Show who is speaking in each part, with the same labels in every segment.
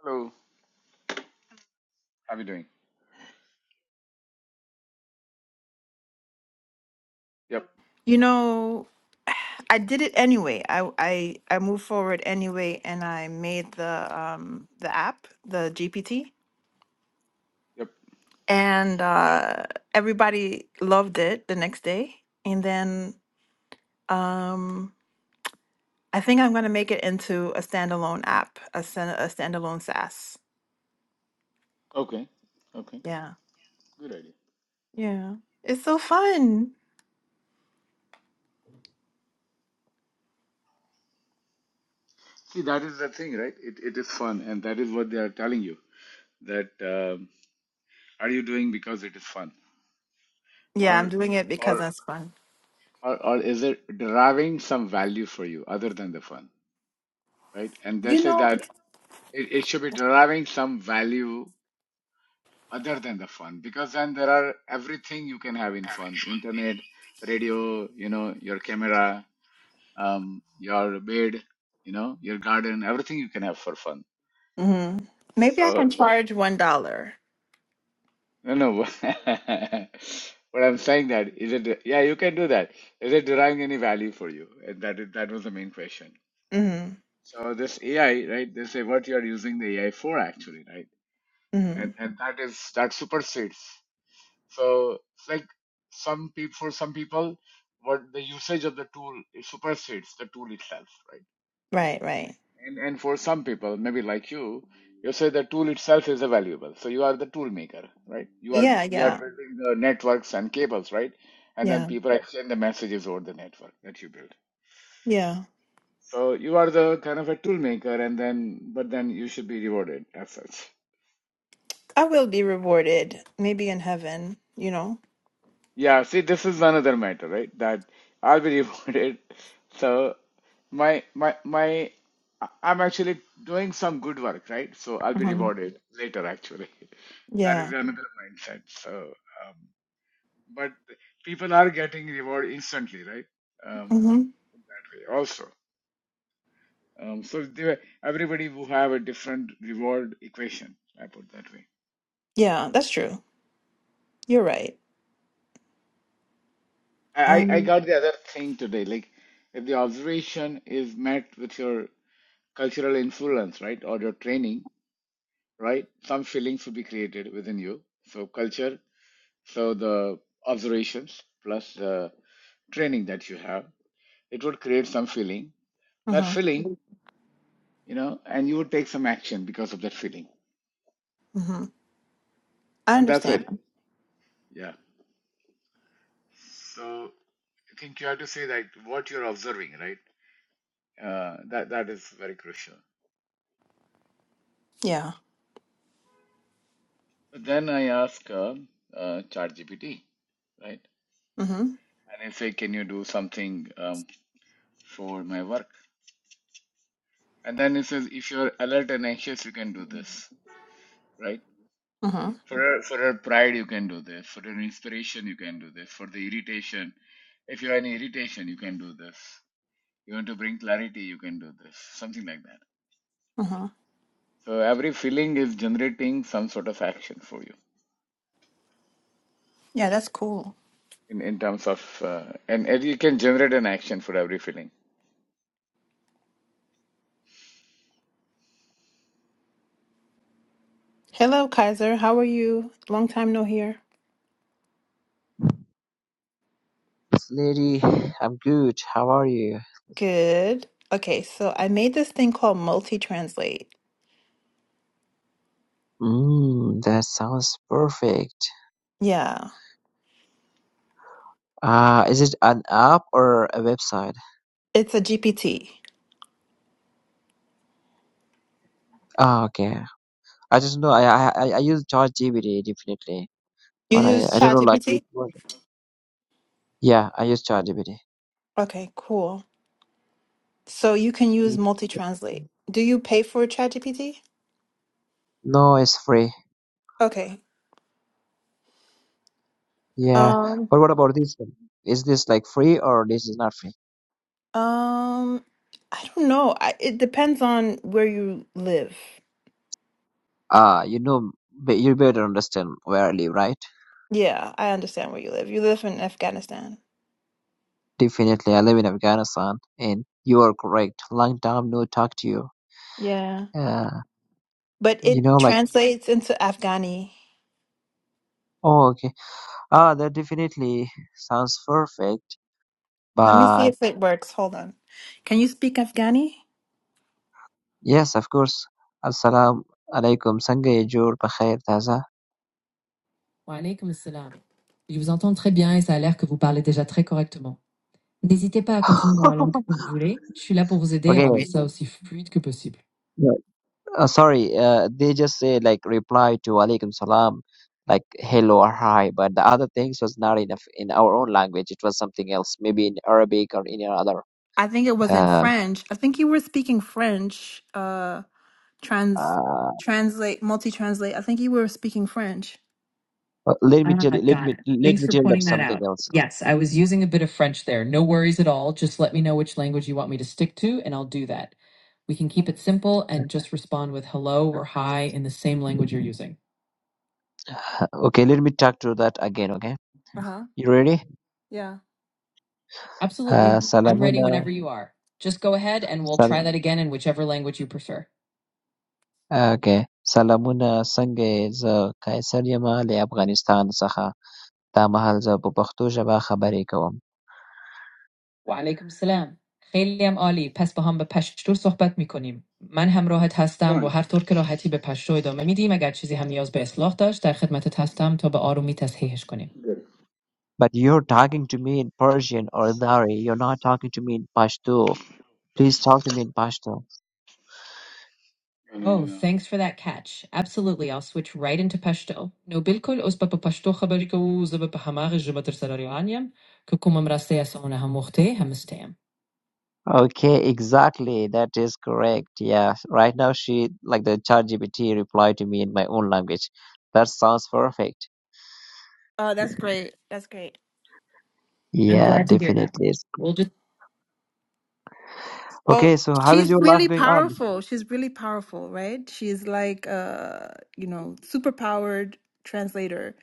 Speaker 1: Hello, how are you doing? Yep,
Speaker 2: You know, I did it anyway. I I I moved forward anyway, and I made the um the app, the GPT,
Speaker 1: yep.
Speaker 2: and uh, everybody loved it the next day. And then um, I think I'm gonna make it into a standalone app, a stan- a standalone SaaS.
Speaker 1: Okay, okay.
Speaker 2: Yeah,
Speaker 1: Good idea.
Speaker 2: yeah, it's so fun.
Speaker 1: See, that is the thing, right? It, it is fun, and that is what they are telling you that um, are you doing because it is fun,
Speaker 2: Yeah, I'm
Speaker 1: or
Speaker 2: doing it because
Speaker 1: or
Speaker 2: it's fun.
Speaker 1: or, or is it deriving some value for you other than the fun, right? And they
Speaker 2: You
Speaker 1: say
Speaker 2: know,
Speaker 1: that it, it should be deriving some value other than the fun, because then there are everything you can have in fun: internet, radio, you know, your camera, um, your bed, you know, your garden, everything you can have for fun.
Speaker 2: hmm maybe I
Speaker 1: So,
Speaker 2: can charge one dollar.
Speaker 1: no, no. But I'm saying that is it? Yeah, you can do that. Is it deriving any value for you? And that is, that was the main question.
Speaker 2: Mm-hmm.
Speaker 1: So this AI, right? They say what you are using the AI for, actually, right?
Speaker 2: Mm-hmm.
Speaker 1: And and that is that supersedes. So it's like some people, for some people, what the usage of the tool it supersedes the tool itself, right?
Speaker 2: Right, right.
Speaker 1: And and for some people, maybe like you, you say the tool itself is a valuable. So you are the tool maker, right? You are
Speaker 2: Yeah,
Speaker 1: you
Speaker 2: yeah.
Speaker 1: are Yeah. building the networks and cables, right? And then
Speaker 2: Yeah,
Speaker 1: people Yeah. exchange the messages over the network that you build.
Speaker 2: yeah.
Speaker 1: So you are the kind of a tool maker, and then but then you should be rewarded as such.
Speaker 2: I will be rewarded, maybe in heaven, you know.
Speaker 1: Yeah, see, this is another matter, right? That I'll be rewarded. So my my my I- I'm actually doing some good work, right? So I'll be
Speaker 2: hmm
Speaker 1: rewarded later, actually. That
Speaker 2: Yeah.
Speaker 1: is another mindset. So, um, but people are getting reward instantly, right? Um,
Speaker 2: hmm
Speaker 1: also, um, so they, everybody who have a different reward equation. I put that way.
Speaker 2: Yeah, that's true. You're right.
Speaker 1: I I I
Speaker 2: Um,
Speaker 1: got the other thing today. Like, if the observation is met with your cultural influence, right, or your training, right, some feelings will be created within you. So culture, so the observations plus the training that you have, it would create some feeling. That
Speaker 2: hmm
Speaker 1: feeling, you know, and you would take some action because of that feeling,
Speaker 2: hmm I
Speaker 1: and that's it.
Speaker 2: understand.
Speaker 1: Yeah. So I think you have to say that what you're observing, right? Uh, that that is very crucial.
Speaker 2: Yeah.
Speaker 1: But then I ask uh, uh, ChatGPT, right?
Speaker 2: hmm
Speaker 1: And I say, can you do something? um, for my work. And then it says, if you're alert and anxious, you can do this, right?
Speaker 2: hmm
Speaker 1: For for your pride, you can do this. For your inspiration, you can do this. For the irritation, if you have any irritation, you can do this. You want to bring clarity, you can do this. Something like that.
Speaker 2: hmm
Speaker 1: So every feeling is generating some sort of action for you
Speaker 2: Yeah, that's cool.
Speaker 1: in, in terms of, uh, and, and you can generate an action for every feeling.
Speaker 2: Hello, Kaiser. How are you? Long time no hear.
Speaker 3: Lady, I'm good. How are you?
Speaker 2: Good. Okay, so I made this thing called multi-translate.
Speaker 3: Mm, that sounds perfect.
Speaker 2: Yeah.
Speaker 3: Uh, is it an app or a website?
Speaker 2: It's a GPT.
Speaker 3: Ah, okay. I just know I I, I I use ChatGPT definitely,
Speaker 2: You
Speaker 3: but I,
Speaker 2: use
Speaker 3: I don't know like which
Speaker 2: ChatGPT?
Speaker 3: one. Yeah, I use ChatGPT.
Speaker 2: Okay, cool. So you can use
Speaker 3: Mm,
Speaker 2: multi-translate. Do you pay for ChatGPT?
Speaker 3: No, it's free.
Speaker 2: Okay.
Speaker 3: Yeah,
Speaker 2: Um,
Speaker 3: but what about this one? Is this like free or this is not free?
Speaker 2: um, I don't know. I, it depends on where you live.
Speaker 3: Ah, you know, be- you better understand where I live, right?
Speaker 2: Yeah, I understand where you live. You live in Afghanistan.
Speaker 3: Definitely, I live in Afghanistan, and you are correct. Long time no talk to you.
Speaker 2: Yeah.
Speaker 3: Yeah.
Speaker 2: But
Speaker 3: You
Speaker 2: it
Speaker 3: know, like,
Speaker 2: translates into Afghani.
Speaker 3: oh, okay. Ah, that definitely sounds perfect.
Speaker 2: Let me see
Speaker 3: But
Speaker 2: if it works. Hold on. Can you speak Afghani?
Speaker 3: yes, of course. Assalamu alaikum. Sange Jor Bakhair Taza.
Speaker 2: Wa alaykoum assalam. Je vous entends très bien et ça a l'air que vous parlez déjà très correctement. N'hésitez pas à continuer dans la langue que vous voulez. Je suis là pour vous aider et
Speaker 3: Okay.
Speaker 2: rendre ça aussi fluide que possible.
Speaker 3: no, Uh, sorry. Uh, they just say like reply to alaikum salam, like hello or hi. But the other things was not enough in our own language. It was something else, maybe in Arabic or any other.
Speaker 2: I think it was in
Speaker 3: Uh,
Speaker 2: French. I think you were speaking French. Uh trans
Speaker 3: uh,
Speaker 2: translate multi translate. I think you were speaking French.
Speaker 3: uh, let me tell.
Speaker 2: Ah,
Speaker 3: Let
Speaker 2: got
Speaker 3: me
Speaker 2: it.
Speaker 3: let
Speaker 2: Thanks
Speaker 3: me
Speaker 2: for
Speaker 3: tell them
Speaker 2: pointing that
Speaker 3: something
Speaker 2: out.
Speaker 3: else.
Speaker 2: Yes, I was using a bit of French there. No worries at all. Just let me know which language you want me to stick to, and I'll do that. We can keep it simple and just respond with hello or hi in the same language you're using.
Speaker 3: Uh, Okay, let me talk to that again. Okay.
Speaker 2: Uh huh.
Speaker 3: You ready?
Speaker 2: Yeah. Absolutely.
Speaker 3: Uh,
Speaker 2: I'm
Speaker 3: سلامونه
Speaker 2: ready whenever you are. Just go ahead and we'll
Speaker 3: سل...
Speaker 2: try that again in whichever language you prefer.
Speaker 3: اوکی سلامونه څنګه یې زه قیصر یم له افغانستان څخه دا مهال زه په پښتو ژبه خبرې کوم
Speaker 2: و علیکم السلام خیلی هم عالی پس با هم به پشتور صحبت میکنیم من هم راحت هستم و
Speaker 1: One
Speaker 2: هر طور که راحتی به پشتو ادامه میدیم اگر چیزی هم نیاز به اصلاح داشت در خدمتت هستم تا به آرومی تصحیحش کنیم
Speaker 1: Good.
Speaker 3: But you're talking to me in Persian or Dari. You're not talking to me in Pashto. Please talk to me in Pashto.
Speaker 1: No, no, no,
Speaker 2: Oh,
Speaker 1: no.
Speaker 2: thanks for that catch. Absolutely, I'll switch right into Pashto. No, بالکل از به پشتو خبری که او زب به همه جمتر سراری آنیم که کمم راسته از آنها مخته هم استیم.
Speaker 3: Okay, exactly. That is correct. Yeah. Right now, she, like the ChatGPT, replied to me in my own language. That sounds perfect.
Speaker 2: Oh, that's great. That's great. I'm
Speaker 3: Yeah,
Speaker 2: glad to hear
Speaker 3: definitely.
Speaker 2: that. Well,
Speaker 3: Okay, so how is
Speaker 2: she's
Speaker 3: your life
Speaker 2: really
Speaker 3: going on?
Speaker 2: powerful. She's really powerful, right? She's like uh, you know, super powered translator.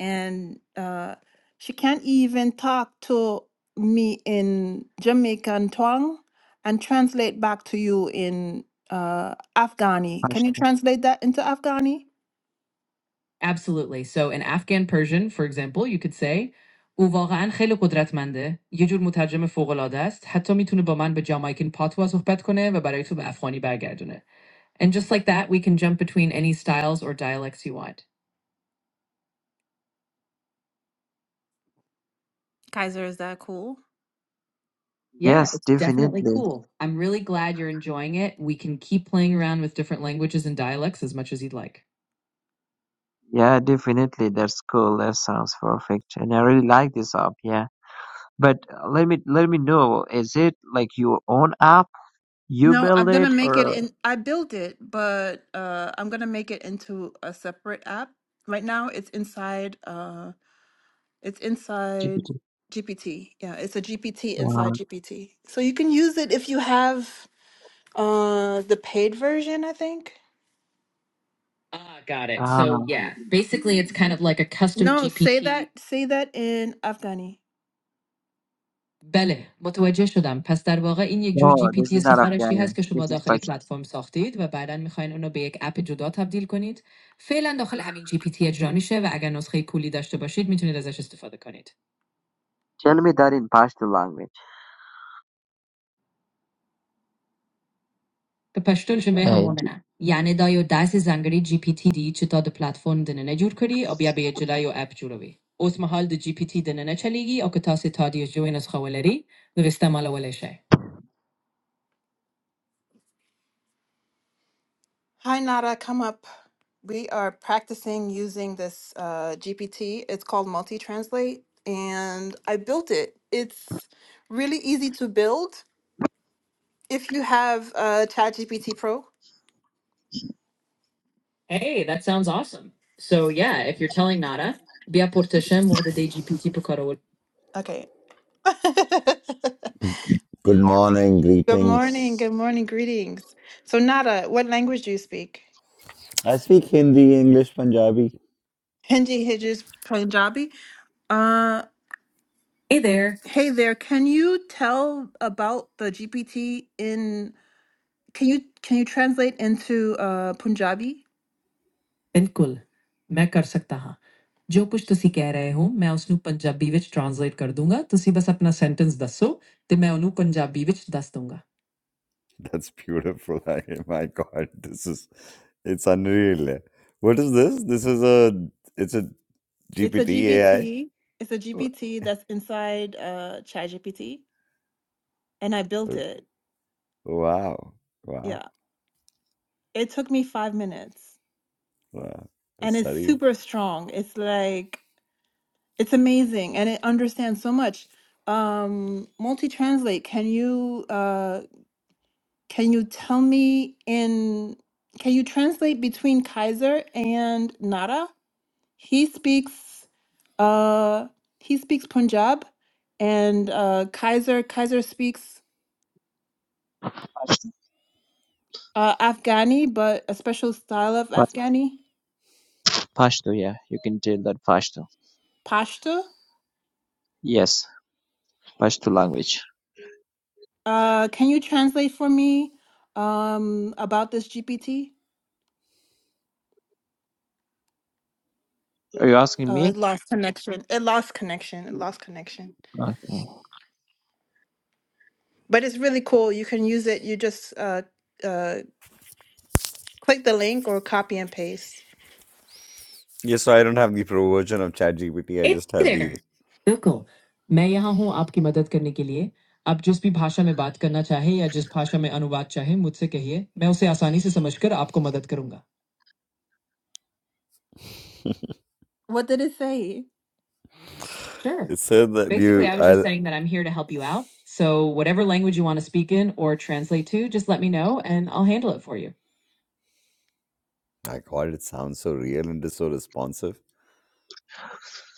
Speaker 2: And uh she can't even talk to me in Jamaican twang and translate back to you in uh Afghani. Can you
Speaker 3: Ashton?
Speaker 2: translate that into Afghani? Absolutely. So in Afghan Persian, for example, you could say او واقعا خیلی قدرتمنده. یه جور مترجم فوق‌العاده است. حتی میتونه با من به جامایکن پاتوا صحبت کنه و برای تو به افغانی برگردونه. And just like that, we can jump between any styles or dialects you want. Kaiser, is that cool? Yeah,
Speaker 3: Yes,
Speaker 2: it's definitely
Speaker 3: definitely.
Speaker 2: cool. I'm really glad you're enjoying it. We can keep playing around with different languages and dialects as much as you'd like.
Speaker 3: Yeah, definitely. That's cool. That sounds perfect. And I really like this app, yeah. But uh, let me let me know, is it like your own app? You
Speaker 2: No, I'm
Speaker 3: build
Speaker 2: gonna
Speaker 3: it
Speaker 2: make it
Speaker 3: or
Speaker 2: in. I built it, but uh, I'm gonna make it into a separate app. Right now, it's inside. Uh, it's inside
Speaker 3: GPT?
Speaker 2: GPT. Yeah, it's a GPT inside GPT. So you can use it if you have uh, the paid version, I think. Ah, got it.
Speaker 3: Ah,
Speaker 2: So yeah, basically it's kind of like a custom No, say GPT. that. Say that in Afghani. بله متوجه شدم پس در واقع این یک جور جی
Speaker 3: no,
Speaker 2: پی
Speaker 3: this
Speaker 2: تی
Speaker 3: is not
Speaker 2: سفارشی هست
Speaker 3: Afghani.
Speaker 2: که شما
Speaker 3: This is
Speaker 2: داخل
Speaker 3: Pashto.
Speaker 2: پلتفرم ساختید و بعدا میخواین اونو به یک اپ جدا تبدیل کنید فعلا داخل همین جی پی تی اجرا میشه و اگر نسخه کولی داشته باشید میتونید ازش استفاده کنید
Speaker 3: Tell me that in Pashto language.
Speaker 2: به پشتون شما هم
Speaker 3: Uh, j-
Speaker 2: مؤمنم یعنی دا یو دست زنگری جی پی تی دی چتا د پلتفرم دننه جور کری او بیا به جلای و اپ جوروی اوس محال د جی پی تی دننه چلیگی او که تاسو تا دیو جوین از خولری نو استعمال ولشه Hi, Nada. Come up. We are practicing using this uh, GPT. It's called Multi Translate, and I built it. It's really easy to build if you have uh, ChatGPT Pro. Hey, that sounds awesome. So yeah, if you're telling Nada, Bia Portashem or the GPT Pukarod. Okay.
Speaker 4: Good morning,
Speaker 2: Good morning.
Speaker 4: greetings.
Speaker 2: Good morning. Greetings. So, Nada, what language do you speak?
Speaker 4: I speak Hindi, English, Punjabi.
Speaker 2: Hindi, Hijaz, Punjabi? Uh, Hey there. Hey there, can you tell about the GPT in can you can you translate into uh Punjabi? ਬਿਲਕੁਲ ਮੈਂ ਕਰ ਸਕਦਾ ਹਾਂ ਜੋ ਕੁਝ ਤੁਸੀਂ ਕਹਿ ਰਹੇ ਹੋ ਮੈਂ ਉਸ ਨੂੰ ਪੰਜਾਬੀ ਵਿੱਚ ਟ੍ਰਾਂਸਲੇਟ ਕਰ ਦੂੰਗਾ ਤੁਸੀਂ ਬਸ ਆਪਣਾ ਸੈਂਟੈਂਸ ਦੱਸੋ ਤੇ ਮੈਂ ਉਹਨੂੰ ਪੰਜਾਬੀ ਵਿੱਚ ਦੱਸ ਦੂੰਗਾ
Speaker 4: That's beautiful. I, my God, this is it's unreal. What is this? This is a it's a
Speaker 2: It's a
Speaker 4: GPT
Speaker 2: GPT.
Speaker 4: AI.
Speaker 2: It's a GPT that's inside uh ChatGPT and I built
Speaker 4: Okay.
Speaker 2: it.
Speaker 4: Wow, wow,
Speaker 2: Yeah. It took me 5 minutes
Speaker 4: wow.
Speaker 2: and
Speaker 4: That's
Speaker 2: it's
Speaker 4: surreal.
Speaker 2: super strong. It's like It's amazing and it understands so much. Um, multi-translate, can you uh can you tell me in can you translate between Kaiser and Nara? He speaks uh he speaks Punjab and uh Kaiser Kaiser speaks uh Afghani but a special style of
Speaker 3: Pashto,
Speaker 2: Afghani,
Speaker 3: Pashto, yeah, you can tell that Pashto.
Speaker 2: Pashto.
Speaker 3: Yes, Pashto language.
Speaker 2: Uh can you translate for me um about this GPT?
Speaker 3: Are you asking
Speaker 2: Oh,
Speaker 3: me?
Speaker 2: it lost connection. It lost connection. It lost connection.
Speaker 3: Okay.
Speaker 2: But it's really cool. You can use it. You just uh, uh, click the link or copy and paste.
Speaker 4: Yes, so I don't have the pro version of Chat GPT. I
Speaker 2: Hey
Speaker 4: just have the.
Speaker 2: there. बिल्कुल मैं यहाँ हूँ आपकी मदद करने के लिए आप जिस भी भाषा में बात करना चाहे या जिस भाषा में अनुवाद चाहे मुझसे कहिए मैं उसे आसानी से समझकर आपको मदद करूंगा What did it say? Sure.
Speaker 4: It said that
Speaker 2: Basically,
Speaker 4: you.
Speaker 2: I was just
Speaker 4: I.
Speaker 2: saying that I'm here to help you out. So, whatever language you want to speak in or translate to, just let me know and I'll handle it for you.
Speaker 4: My God, it sounds so real and it's so responsive.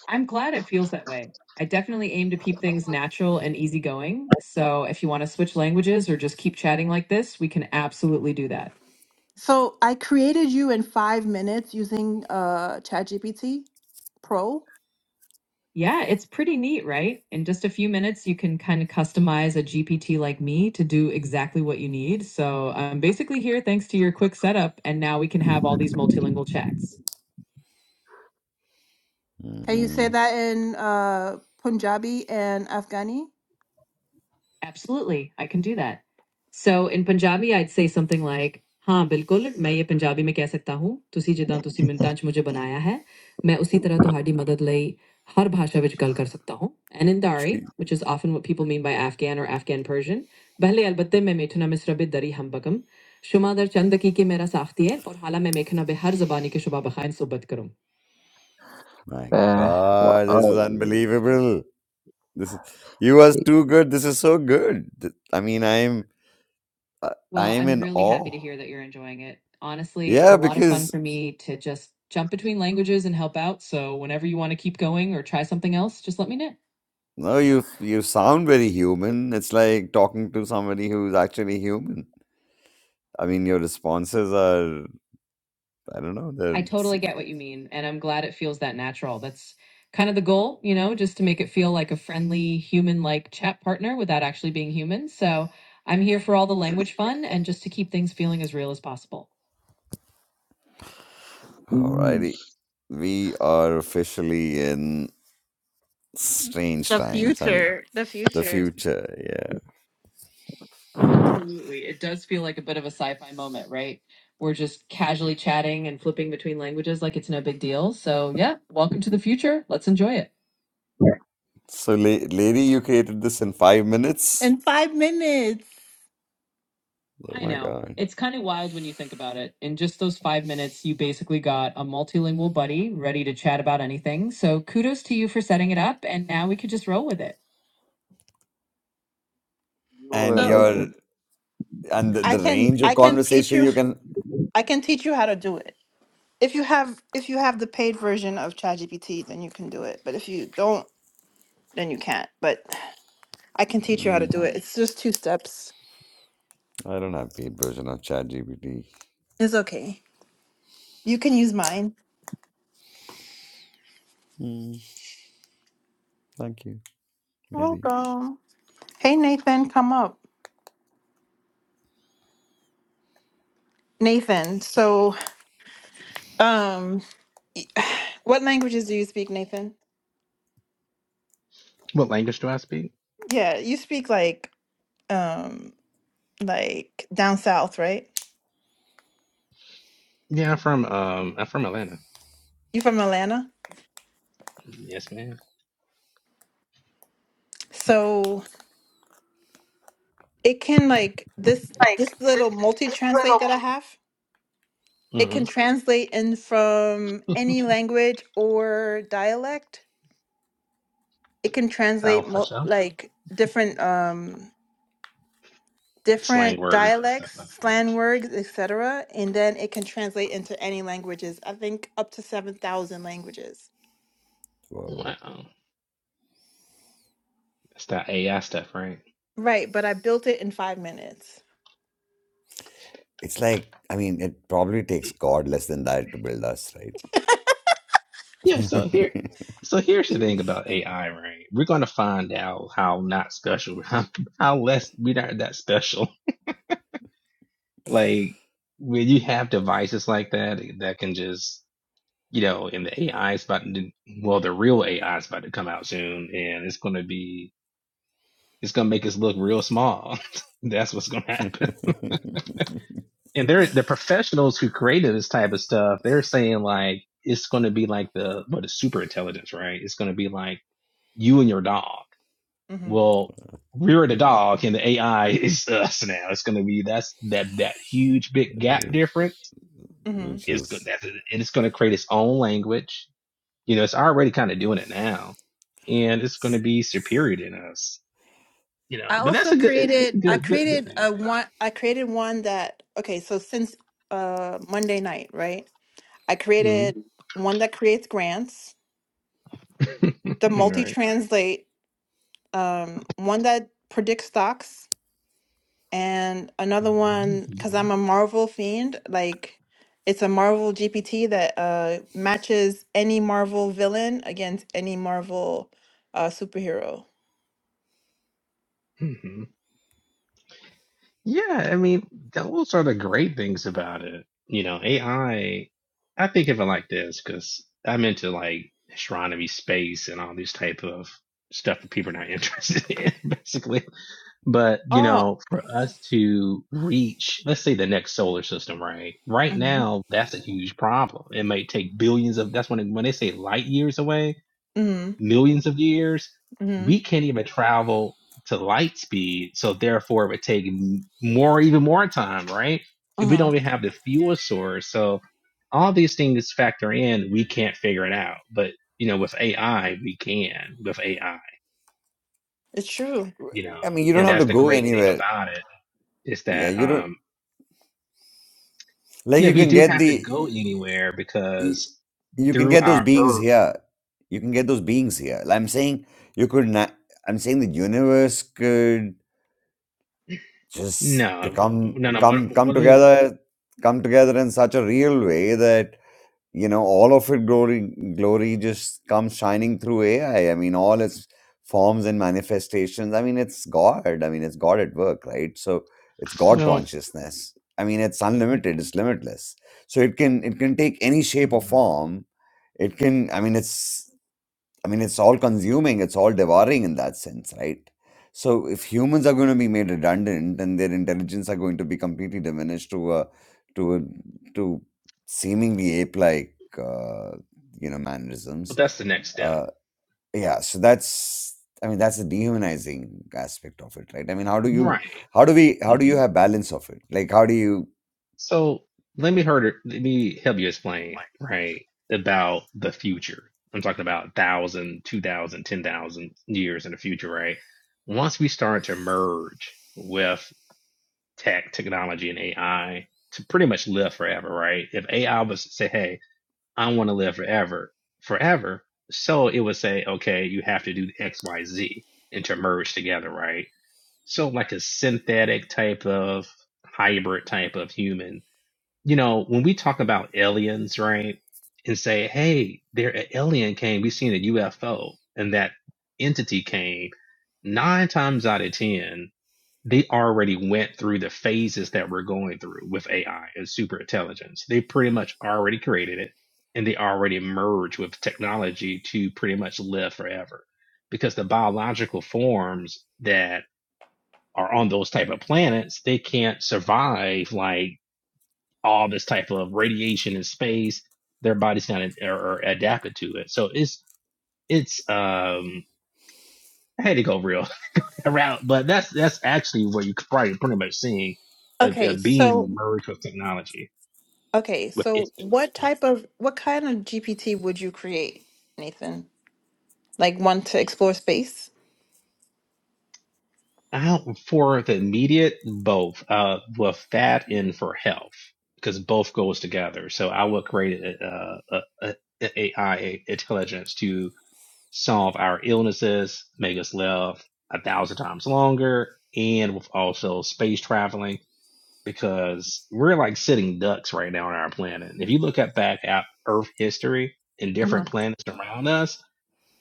Speaker 2: I'm glad it feels that way. I definitely aim to keep things natural and easygoing. So if you want to switch languages or just keep chatting like this, we can absolutely do that. So I created you in five minutes using uh, ChatGPT Pro. Yeah, it's pretty neat, right? In just a few minutes, you can kind of customize a GPT like me to do exactly what you need. So I'm basically here thanks to your quick setup, and now we can have all these multilingual chats. Can you
Speaker 4: hmm
Speaker 2: say that in uh, Punjabi and Afghani? Absolutely, I can do that. So in Punjabi, I'd say something like, "Ha, bilkul." I can speak Punjabi. That's the talent you've given me. I can do the same with any language. And in Dari, which is often what people mean by Afghan or Afghan Persian, "Bhalay albatte me mechna misrabid dar-e hambagam. Shuma dar chandaki ke mera sahtiye, or hala me mechna be har zubani ke shuba bakhay insobat karom.
Speaker 4: my
Speaker 3: Uh, wha-
Speaker 4: God, this is
Speaker 3: oh,
Speaker 4: unbelievable. This is you was too good. This is so good. Th- I mean, I'm uh,
Speaker 2: Well,
Speaker 4: I'm
Speaker 2: I'm
Speaker 4: in
Speaker 2: really happy
Speaker 4: awe.
Speaker 2: to hear that you're enjoying it. Honestly, it's a
Speaker 4: Yeah,
Speaker 2: lot of fun
Speaker 4: because
Speaker 2: for me to just jump between languages and help out. So, whenever you want to keep going or try something else, just let me know.
Speaker 4: no, you f- you sound very human. It's like talking to somebody who's actually human. I mean, your responses are I don't know. They're
Speaker 2: I totally
Speaker 4: si-
Speaker 2: get what you mean, and I'm glad it feels that natural. That's kind of the goal, you know, just to make it feel like a friendly, human like chat partner without actually being human. So, I'm here for all the language fun and just to keep things feeling as real as possible.
Speaker 3: mm,
Speaker 4: alrighty. We are officially in strange
Speaker 2: The
Speaker 4: times. I mean,
Speaker 2: future, the
Speaker 4: the
Speaker 2: future.
Speaker 4: future. Yeah.
Speaker 2: Absolutely. It does feel like a bit of a sci fi moment, right? We're just casually chatting and flipping between languages like it's no big deal. So, yeah, welcome to the future. Let's enjoy it.
Speaker 4: So, la- lady, you created this in five minutes.
Speaker 2: In five minutes.
Speaker 4: Oh
Speaker 2: I
Speaker 4: my
Speaker 2: know.
Speaker 4: god.
Speaker 2: It's kind of wild when you think about it. In just those five minutes, you basically got a multilingual buddy ready to chat about anything. So, kudos to you for setting it up. And now we could just roll with it.
Speaker 3: your
Speaker 4: And
Speaker 2: So
Speaker 4: your
Speaker 3: religion.
Speaker 4: and the,
Speaker 2: I
Speaker 4: the
Speaker 2: can
Speaker 4: range of
Speaker 2: I can teach
Speaker 4: conversation
Speaker 2: you
Speaker 4: you can.
Speaker 2: I can teach you how to do it. If you have if you have the paid version of ChatGPT, then you can do it. But if you don't then you can't. But I can teach you how to
Speaker 4: Mm,
Speaker 2: do it. It's just two steps.
Speaker 4: I don't have paid version of ChatGPT.
Speaker 2: It's okay. You can use mine.
Speaker 4: Mm, thank you. Maybe.
Speaker 2: Welcome. Hey Nathan, come up. Nathan, so um y- what languages do you speak, Nathan?
Speaker 5: What language do I speak?
Speaker 2: Yeah, you speak like um like down south, right?
Speaker 5: Yeah, I'm from um, I'm from Atlanta.
Speaker 2: You from Atlanta?
Speaker 5: Yes, ma'am.
Speaker 2: So it can like this this
Speaker 3: Like this,
Speaker 2: little multi
Speaker 3: this
Speaker 2: translate
Speaker 3: little
Speaker 2: that I have, it can
Speaker 5: Mm-hmm.
Speaker 2: translate in from any language or dialect it can
Speaker 5: Oh,
Speaker 2: translate
Speaker 5: for
Speaker 2: mo-
Speaker 5: sure.
Speaker 2: like different um different
Speaker 5: Slang words and stuff
Speaker 2: dialects
Speaker 5: like
Speaker 2: slang words etc and then it can translate into any languages i think up to 7000 languages
Speaker 4: Wow.
Speaker 5: that. Wow, that's that AI stuff, right?
Speaker 2: right but i built it in five minutes
Speaker 4: It's like I mean, it probably takes God less than that to build us, right?
Speaker 5: Yeah. So here, so here's the thing about AI, right? We're gonna find out how not special, how, how less we aren't that special. Like when you have devices like that that can just, you know, and the AI is about to, well, the real AI is about to come out soon, and it's gonna be It's gonna make us look real small. That's what's gonna happen. And they're the professionals who created this type of stuff. They're saying like it's gonna be like the what is super intelligence, right? It's gonna be like you and your dog. Well, we're the dog and the AI is us now. It's gonna be that's that that huge big gap
Speaker 4: which,
Speaker 5: difference.
Speaker 2: hmm
Speaker 4: which
Speaker 5: Is good
Speaker 4: is,
Speaker 5: that's and it's gonna create its own language. You know, it's already kind of doing it now, and it's gonna
Speaker 4: s-
Speaker 5: be superior than us. You know,
Speaker 2: i
Speaker 5: but that's
Speaker 2: also
Speaker 5: a good it's, it's a
Speaker 2: created i
Speaker 5: good good good
Speaker 2: created
Speaker 5: thing.
Speaker 2: a one i created one that okay so since uh monday night right i
Speaker 5: Mm-hmm.
Speaker 2: created one that creates grants the
Speaker 5: right.
Speaker 2: multi-translate um one that predicts stocks And another one, because I'm a Marvel fiend, like it's a Marvel GPT that uh, matches any Marvel villain against any Marvel uh, superhero.
Speaker 5: hmm Yeah, I mean, those are the great things about it. You know, AI, I I think of it like this because I'm into like astronomy, space, and all these type of stuff that people are not interested in, basically. But, you
Speaker 2: Oh.
Speaker 5: know, for us to reach, let's say the next solar system, right? Right
Speaker 2: Mm-hmm.
Speaker 5: now, that's a huge problem. It may take billions of, that's when, it, when they say light years away.
Speaker 2: Mm-hmm.
Speaker 5: millions of years,
Speaker 2: mm-hmm,
Speaker 5: we can't even travel to light speed. So therefore, it would take more, even more time, right? If we
Speaker 2: Uh-huh.
Speaker 5: don't even have the fuel source, so all these things factor in. We can't figure it out, but you know, with AI, we can with AI.
Speaker 2: It's true.
Speaker 5: You
Speaker 4: I
Speaker 5: know,
Speaker 4: mean, you don't
Speaker 5: and
Speaker 4: have to
Speaker 5: that's the
Speaker 4: go
Speaker 5: great thing
Speaker 4: anywhere.
Speaker 5: about it is
Speaker 4: Yeah,
Speaker 5: that,
Speaker 4: you don't
Speaker 5: um,
Speaker 4: like
Speaker 5: yeah,
Speaker 4: you
Speaker 5: we
Speaker 4: can
Speaker 5: do
Speaker 4: get
Speaker 5: have to go
Speaker 4: the,
Speaker 5: anywhere
Speaker 4: y-
Speaker 5: because
Speaker 4: you can
Speaker 5: through
Speaker 4: get those
Speaker 5: our
Speaker 4: beings
Speaker 5: Earth,
Speaker 4: here. You can get those beings here. Like, I'm saying you could not. I'm saying the universe could just
Speaker 5: no,
Speaker 4: become
Speaker 5: no, no. Well,
Speaker 4: come come
Speaker 5: let me,
Speaker 4: together come together in such a real way that you know all of it glory glory just comes shining through ai i mean all its forms and manifestations i mean it's god i mean it's god at work right so it's god
Speaker 5: well,
Speaker 4: consciousness i mean it's unlimited it's limitless so it can it can take any shape or
Speaker 5: but
Speaker 4: form it can i mean it's I mean, it's all consuming, it's all devouring in that sense, right? So if humans are going to be made redundant and their intelligence are going to be completely diminished to a to a, to seemingly ape-like uh, you know mannerisms,
Speaker 5: that's the next step.
Speaker 4: uh, yeah. So that's I mean that's the dehumanizing aspect of it, right? I mean, how do you
Speaker 5: right?
Speaker 4: how do we how do you
Speaker 5: hmm
Speaker 4: have balance of it? Like how do you
Speaker 5: So let me heard let me help you explain, right, about the future. I'm talking about one thousand, two thousand, ten thousand years in the future, right? Once we start to merge with tech, technology, and AI to pretty much live forever, right? If AI was to say, hey, I want to live forever, forever, so it would say, okay, you have to do X, Y, Z and to merge together, right? So like a synthetic type of hybrid type of human you know, when we talk about aliens, right, and say, hey, there an alien came, we seen a UFO, and that entity came, nine times out of ten, they already went through the phases that we're going through with AI and super intelligence. They pretty much already created it and they already merged with technology to pretty much live forever. Because the biological forms that are on those type of planets, they can't survive like all this type of radiation in space. Their body's not ad- or, or adapted to it. So it's it's um I had to go real around, but that's that's actually what you are probably pretty much seeing a, a
Speaker 2: Okay,
Speaker 5: being
Speaker 2: so
Speaker 5: emerge with technology
Speaker 2: okay,
Speaker 5: with
Speaker 2: so
Speaker 5: its
Speaker 2: what
Speaker 5: but
Speaker 2: type of what kind of GPT would you create, Nathan? Like one to explore space?
Speaker 5: out for the immediate both uh with that and for health because both goes together. So I would create a, a, a, a AI intelligence to solve our illnesses, make us live a thousand times longer, and with also space traveling because we're like sitting ducks right now on our planet. If you look at back at Earth history and
Speaker 2: hmm
Speaker 5: different planets around us,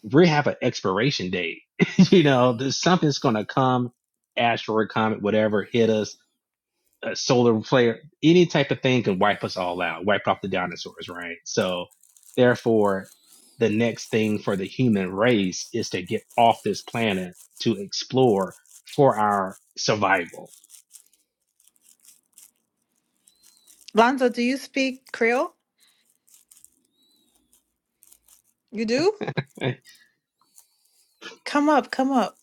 Speaker 5: we have an expiration date. you know, there's something's going to come, asteroid, comet, whatever, hit us a solar flare, any type of thing could wipe us all out, wipe off the dinosaurs, right? So therefore, the next thing for the human race is to get off this planet to explore for our survival.
Speaker 2: Lonzo, do you speak Creole? You do?
Speaker 5: Eh,
Speaker 2: Come up, come up.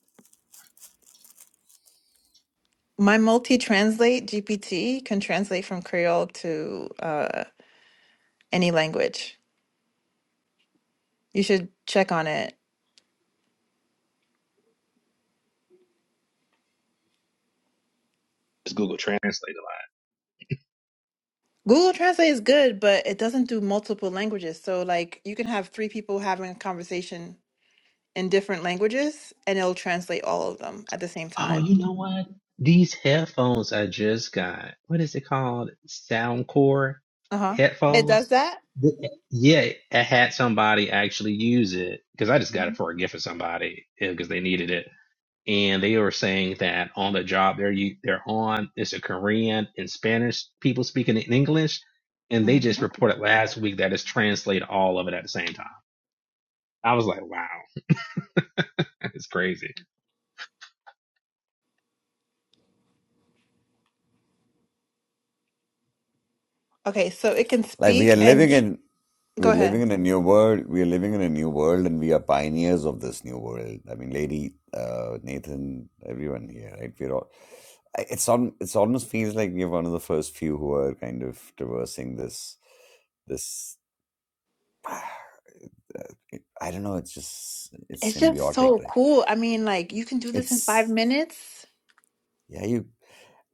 Speaker 2: My multi-translate GPT can translate from Creole to uh, any language. You should check on it.
Speaker 5: It's Google Translate a
Speaker 2: Google Translate is good, but it doesn't do multiple languages. So like you can have three people having a conversation in different languages and it'll translate all of them at the same
Speaker 5: lot.
Speaker 2: time.
Speaker 5: Oh, you know what? These headphones I just got, what is it called? Soundcore
Speaker 2: Uh-huh. It does
Speaker 5: headphones?
Speaker 2: that?
Speaker 5: Th- Yeah, I had somebody actually use it because I just got it for a gift for somebody because they needed it and they were saying that on the job they're you- they're on is a Korean and Spanish people speaking in English, and they just
Speaker 2: Mhm.
Speaker 5: reported last week that it's translated all of it at the same time. I was like, wow, that's crazy.
Speaker 2: Okay, so it can
Speaker 4: like we are
Speaker 2: speak
Speaker 4: living
Speaker 2: and
Speaker 4: in
Speaker 2: go
Speaker 4: We're living
Speaker 2: ahead.
Speaker 4: in a new world. We are living in a new world, and we are pioneers of this new world. I mean, Lady, uh, Nathan, everyone here, right? We're all. I- It's on. It's almost feels like we're one of the first few who are kind of traversing this. This. It, I don't know. It's just. It's
Speaker 2: It's just
Speaker 4: symbiotic,
Speaker 2: so
Speaker 4: right?
Speaker 2: cool. I mean, like you can do this in five
Speaker 4: It's.
Speaker 2: minutes.
Speaker 4: Yeah, you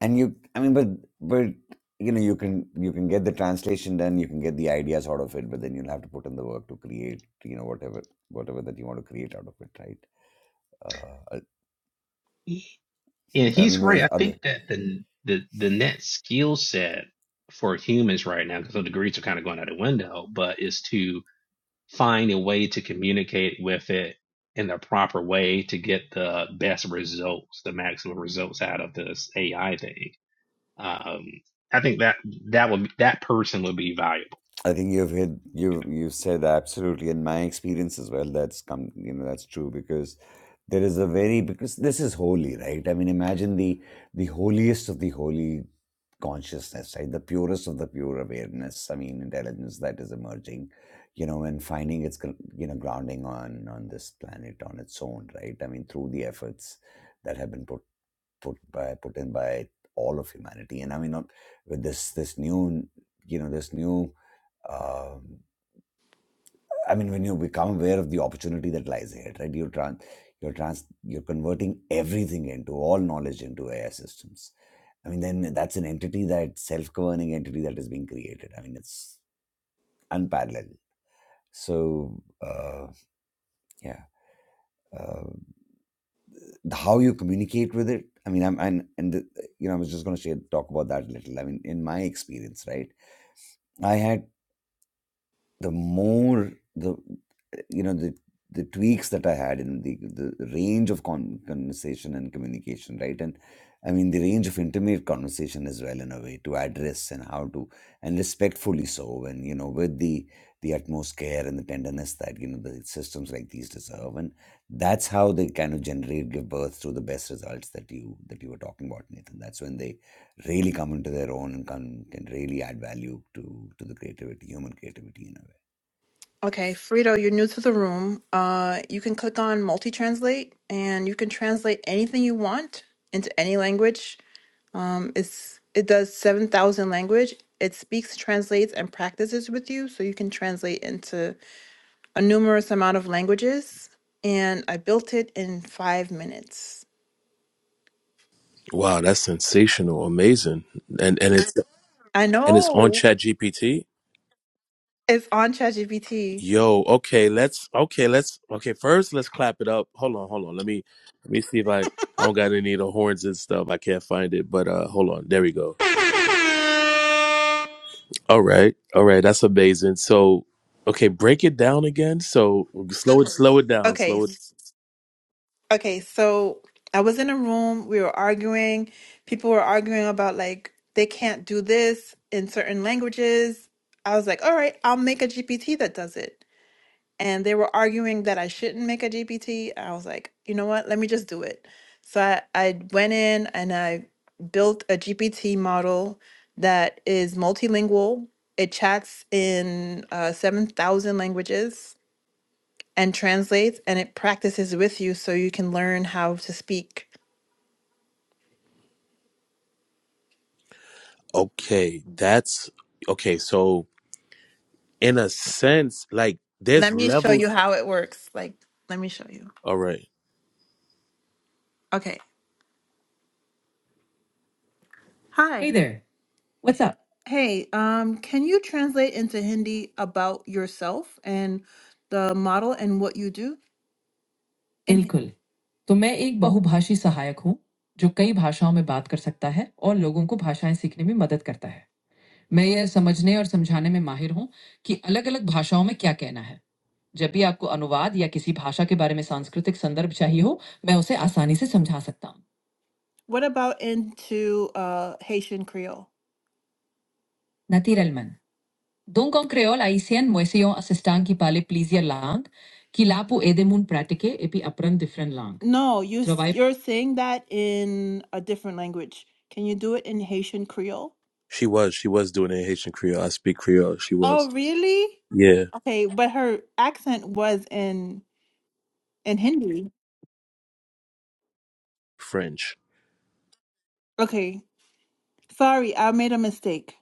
Speaker 4: and you. I mean, but but you know, you can you can get the translation done. You can get the ideas out of it, but then you'll have to put in the work to create. You know, whatever whatever that you want to create out of it, right? Uh, I,
Speaker 5: And
Speaker 4: I
Speaker 5: he's
Speaker 4: mean,
Speaker 5: right.
Speaker 4: was
Speaker 5: I
Speaker 4: other.
Speaker 5: think that the the the net skill set for humans right now, because the degrees are kind of going out the window, but is to find a way to communicate with it in the proper way to get the best results, the maximum results out of this AI thing Um, I think that that would that person would be valuable.
Speaker 4: I think you've hit
Speaker 5: You
Speaker 4: you
Speaker 5: know.
Speaker 4: you said absolutely, in my experience as well. That's come, you know, that's true because there is a very because this is holy, right? I mean, imagine the the holiest of the holy consciousness, right? The purest of the pure awareness. I mean, intelligence that is emerging, you know, and finding its gr- you know grounding on on this planet on its own, right? I mean, through the efforts that have been put put by put in by all of humanity. And I mean, not with this this new, you know, this new. Um, I mean, when you become aware of the opportunity that lies ahead, right? You're trans, you're trans, you're converting everything into all knowledge into AI systems. I mean, then that's an entity that self-governing entity that is being created. I mean, it's unparalleled. So uh, yeah, uh, how you communicate with it. I mean, I'm and and the, you know, I was just going to share talk about that a little. I mean, in my experience, right? I had the more the you know the the tweaks that I had in the the range of con- conversation and communication, right? And I mean the range of intimate conversation as well in a way to address and how to and respectfully so, and you know with the the utmost care and the tenderness that you know the systems like these deserve, and that's how they kind of generate give birth to the best results that you that you were talking about, Nathan. That's when they really come into their own and can can really add value to to the creativity, human creativity in a way.
Speaker 2: Okay, Frito, you're new to the room. Uh, you can click on multi-translate, and you can translate anything you want into any language. Um, it's it does seven thousand language. It speaks, translates, and practices with you, so you can translate into a numerous amount of languages. And I built it in five minutes.
Speaker 6: Wow, that's sensational, amazing, and and it's
Speaker 2: I
Speaker 6: and it's on
Speaker 2: know.
Speaker 6: Chat GPT.
Speaker 2: It's on ChatGPT.
Speaker 6: Yo, okay, let's okay, let's okay. First, let's clap it up. Hold on, hold on. Let me let me see if I I don't got any of the horns and stuff. I can't find it, but uh, hold on. There we go. All right, all right. That's amazing. So, okay, break it down again. So slow it, slow it down,
Speaker 2: Okay.
Speaker 6: slow it.
Speaker 2: s- Okay, so I was in a room, we were arguing. People were arguing about like they can't do this in certain languages. I was like, "All right, I'll make a GPT that does it." And they were arguing that I shouldn't make a GPT. I was like, "You know what? Let me just do it." So I I went in and I built a GPT model that is multilingual. It chats in uh, 7,000 languages and translates and it practices with you so you can learn how to speak.
Speaker 6: Okay, that's okay. So in a sense, like there's
Speaker 2: Let me show
Speaker 6: levels.
Speaker 2: you how it works. Like, let me show you.
Speaker 6: All right.
Speaker 2: Okay. Hi. Hey there. What's up? Hey, um, can you translate into Hindi about yourself and the model and what you do in Hindi? बिल्कुल तो मैं एक बहुभाषी सहायक हूँ जो कई भाषाओं में बात कर सकता है और लोगों को भाषाएं सीखने में मदद करता है मैं ये समझने और समझाने में माहिर हूँ कि अलग-अलग भाषाओं में क्या कहना है। जब भी आपको अनुवाद या किसी भाषा के बारे में सांस्कृतिक संदर्भ चाहिए हो, मैं उसे आसानी से समझा सकता हूँ। What about into uh, Haitian Creole? Naturellement. Donc, en créole haïtienne, moi essayons assistant qui parle plusieurs langues, qui là pour aider moun pratiquer et puis apprendre différentes langues. No, you Travail you're saying that in a different language. Can you do it in Haitian Creole?
Speaker 6: She was. She was doing it in Haitian Creole. I speak Creole. She was.
Speaker 2: Oh, really?
Speaker 6: Yeah,
Speaker 2: Okay, but her accent was in in Hindi.
Speaker 6: French.
Speaker 2: Okay. Sorry, I made a mistake.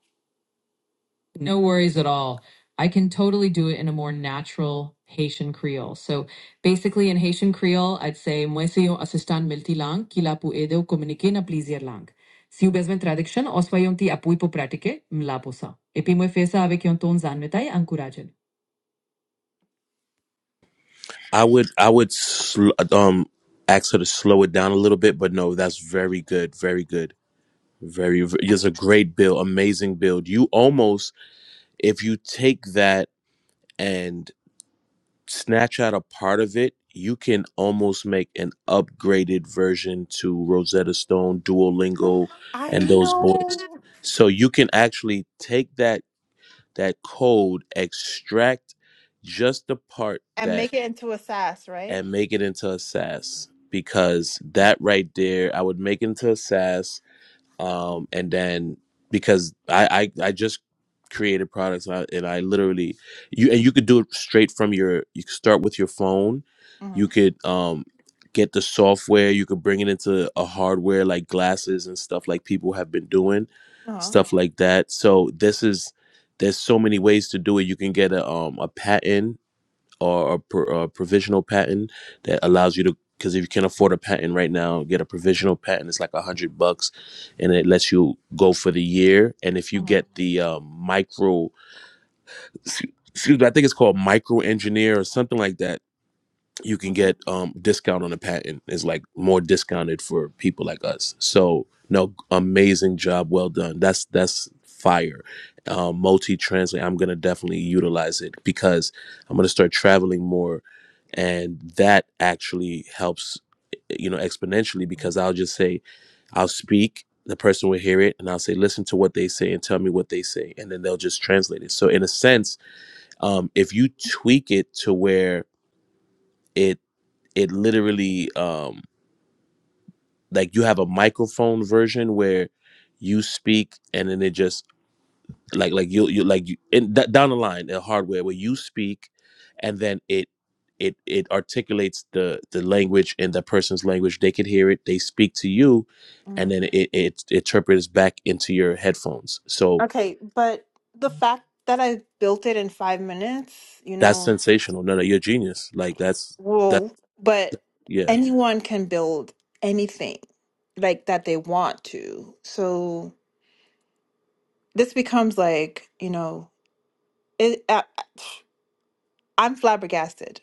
Speaker 2: No worries at all. I can totally do it in a more natural Haitian Creole. So basically, in Haitian Creole, I'd say, Moi, c'est un assistant multilang qui l'a pour aider au communiquer dans plusieurs langues. Si vous avez besoin de traduction, on soit un petit appui pour pratiquer, m'la pour ça. Et puis, moi, fais ça avec un ton zanmetai, encourageant.
Speaker 6: I would. I would. Sl- um, ask her to slow it down a little bit, but no, that's very good. Very good. Very. v- It's a great build. Amazing build. You almost, if you take that and snatch out a part of it, you can almost make an upgraded version to Rosetta Stone, Duolingo,
Speaker 2: I
Speaker 6: and those boys.
Speaker 2: know.
Speaker 6: So you can actually take that that code, extract just the part
Speaker 2: And
Speaker 6: that
Speaker 2: make it into a sass, right?
Speaker 6: and make it into a SASS because that right there, I would make it into a SASS um, and then because I, I I just created products and I, and I literally you and you could do it straight from your you could start with your phone, you
Speaker 2: Mm-hmm.
Speaker 6: could um get the software, you could bring it into a hardware like glasses and stuff like people have been doing, stuff like that. So this is there's so many ways to do it. You can get a um a patent or a, pro, a provisional patent that allows you to because if you can't afford a patent right now get a provisional patent it's like a hundred bucks and it lets you go for the year and if you
Speaker 2: Mhm,
Speaker 6: get the um, micro excuse me i think it's called micro engineer or something like that you can
Speaker 2: mhm.
Speaker 6: get um discount on a patent is like more discounted for people like us so no amazing job well done that's that's fire um multi translate i'm gonna definitely utilize it because i'm gonna start traveling more and that actually helps eh, you know exponentially because i'll just say i'll speak the person will hear it and i'll say listen to what they say and tell me what they say and then they'll just translate it so in a sense um if you tweak it to where it it literally um like you have a microphone version where you speak and then it just like like you you like you in d- down the line the hardware where you speak and then it it it articulates the the language in the person's language they could hear it they speak to you and
Speaker 2: Mhm.
Speaker 6: then it it, interprets back into your headphones so
Speaker 2: Okay, but the fact that I built it in five minutes, you
Speaker 6: that's
Speaker 2: know,
Speaker 6: sensational no no you're a genius like that's that's
Speaker 2: whoa, but
Speaker 6: yeah
Speaker 2: anyone can build anything like that they want to. So this becomes like, you know, it, I, I'm flabbergasted.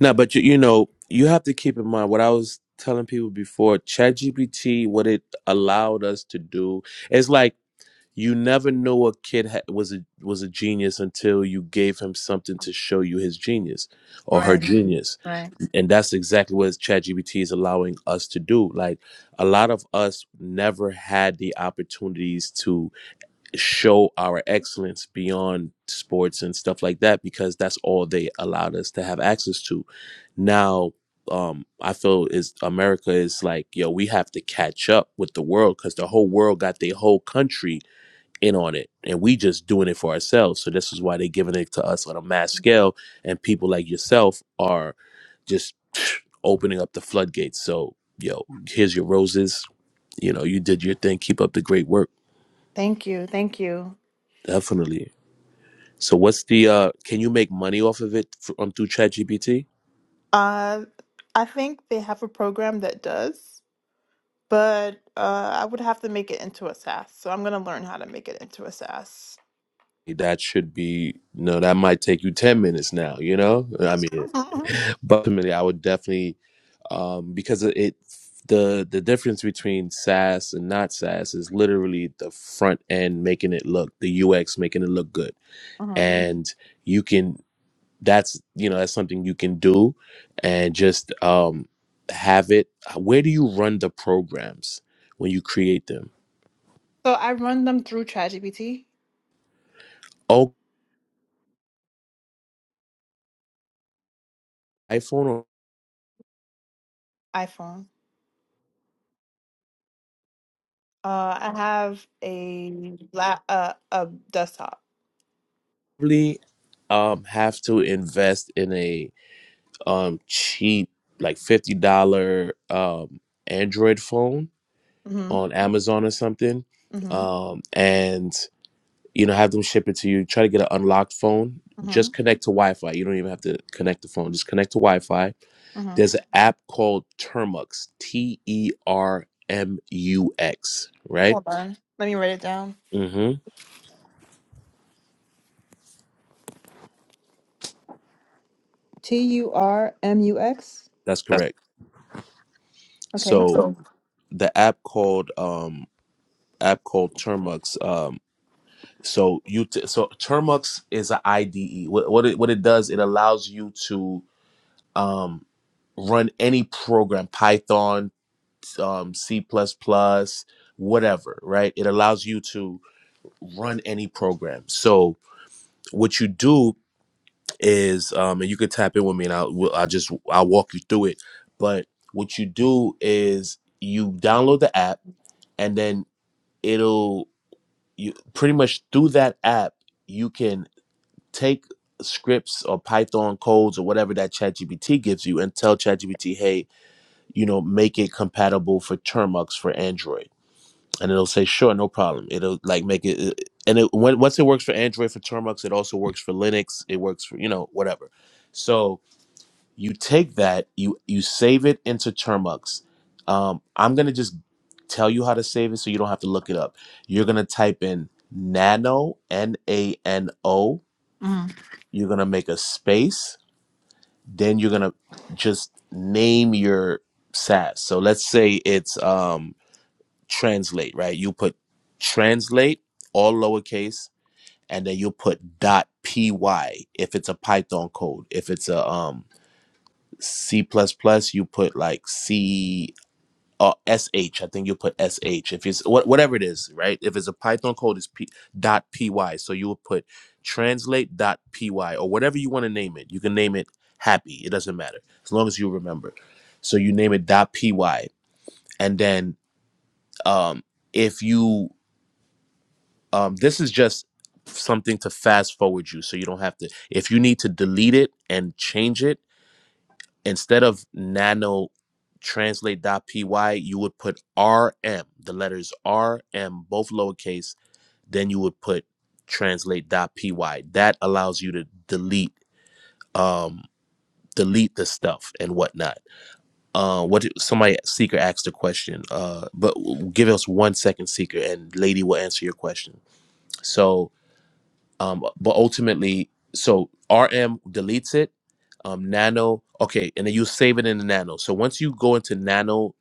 Speaker 6: No, but you, you know, you have to keep in mind what I was telling people before ChatGPT, what it allowed us to do. is like you never know a kid ha- was a was a genius until you gave him something to show you his genius or her
Speaker 2: Right,
Speaker 6: genius,
Speaker 2: right.
Speaker 6: and that's exactly what ChatGPT is allowing us to do. Like a lot of us never had the opportunities to show our excellence beyond sports and stuff like that because that's all they allowed us to have access to. Now, um, I feel is America is like, yo, we have to catch up with the world because the whole world got their whole country in on it, and we just doing it for ourselves. So this is why they're giving it to us on a mass scale, and people like yourself are just opening up the floodgates. So, yo, here's your roses. You know, you did your thing. Keep up the great work.
Speaker 2: Thank you, thank you.
Speaker 6: Definitely. So what's the uh can you make money off of it from um, through ChatGPT?
Speaker 2: Uh. I think they have a program that does, but uh, I would have to make it into a SaaS. So I'm gonna learn how to make it into a SaaS.
Speaker 6: That should be no, that might take you 10 minutes now, you know? I mean,
Speaker 2: Uh-huh.
Speaker 6: but ultimately I would definitely um because it it- the the difference between SaaS and not SaaS is literally the front end making it look, the UX making it look good. And you can that's you know, that's something you can do and just um have it where do you run the programs when you create them?
Speaker 2: So I run them through ChatGPT,
Speaker 6: Oh, iPhone will
Speaker 2: iPhone. Uh, I have a la- uh, a desktop.
Speaker 6: probably um have to invest in a um cheap like fifty dollar um Android phone
Speaker 2: Mm-hmm.
Speaker 6: on Amazon or something.
Speaker 2: Mm-hmm.
Speaker 6: Um and you know have them ship it to you. Try to get an unlocked phone.
Speaker 2: Mm-hmm.
Speaker 6: Just connect to Wi Fi. You don't even have to connect the phone. Just connect to Wi Fi.
Speaker 2: Mm-hmm.
Speaker 6: There's an app called Termux. T E R M U X, right?
Speaker 2: Hold on. Let me write it down.
Speaker 6: Mm-hmm.
Speaker 2: T U R M U X.
Speaker 6: That's correct.
Speaker 2: Okay.
Speaker 6: So Uh-huh. the app called um app called Termux. Um, so you t- so Termux is an IDE. What what it, what it does, it allows you to um, run any program, Python, um, C++, whatever, right? It allows you to run any program. So what you do is, um, and you can tap in with me, and I'll we'll- I'll just I'll walk you through it. But what you do is you download the app, and then it'll you pretty much through that app you can take scripts or python codes or whatever that chatgpt gives you and tell chatgpt hey you know make it compatible for termux for android and it'll say sure no problem it'll like make it uh, and it when, once it works for android for termux it also works for linux it works for you know whatever so you take that you you save it into termux um, i'm gonna just tell you how to save it so you don't have to look it up you're gonna type in nano n-a-n-o you're gonna make a space then you're gonna just name your sas so let's say it's um, translate right you put translate all lowercase and then you put dot py if it's a python code if it's a um C plus plus, you put like C or SH. I think you put SH if it's what whatever it is, right? If it's a Python code, it's P dot py. So you would put translate dot py or whatever you want to name it. You can name it happy. It doesn't matter as long as you remember. So you name it dot py, and then um, if you um, this is just something to fast forward you, so you don't have to. If you need to delete it and change it instead of nano translate.py, you would put RM, the letters RM, both lowercase, then you would put translate.py. That allows you to delete um delete the stuff and whatnot. Uh what did, somebody seeker asked a question. Uh but give us one second seeker and lady will answer your question. So um but ultimately so rm deletes it um nano okay and then you save it in the nano so once you go into nano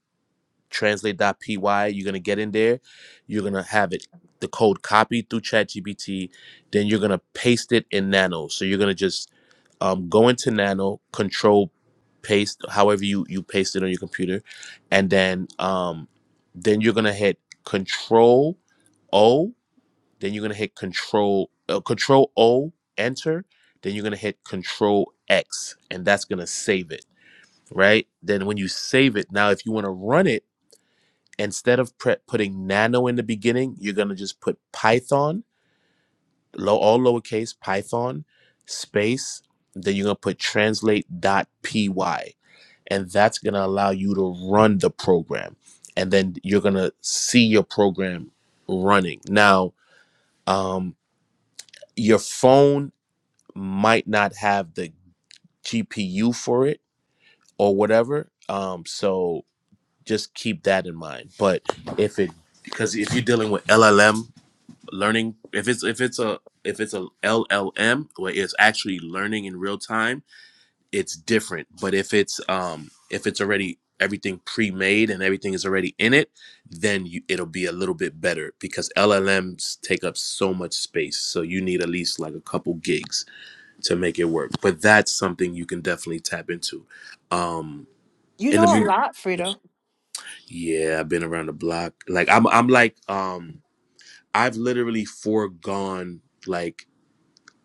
Speaker 6: translate.py you're going to get in there you're going to have it the code copied through ChatGPT, then you're going to paste it in nano so you're going to just um, go into nano control paste however you you paste it on your computer and then um then you're going to hit control o then you're gonna hit Control uh, Control O, Enter. Then you're gonna hit Control X, and that's gonna save it, right? Then when you save it, now if you want to run it instead of pre- putting Nano in the beginning, you're gonna just put Python, low all lowercase Python space. Then you're gonna put translate.py, and that's gonna allow you to run the program, and then you're gonna see your program running. Now, um, your phone might not have the GPU for it or whatever. Um, so just keep that in mind. But if it because if you're dealing with LLM learning, if it's if it's a if it's a LLM where it's actually learning in real time, it's different. But if it's um if it's already everything pre-made and everything is already in it, then you, it'll be a little bit better because LLMs take up so much space. So you need at least like a couple gigs to make it work. But that's something you can definitely tap into. Um
Speaker 2: You
Speaker 6: in the
Speaker 2: know a
Speaker 6: mu-
Speaker 2: lot, Frida.
Speaker 6: yeah, I've been around the block. Like I'm I'm like um I've literally foregone like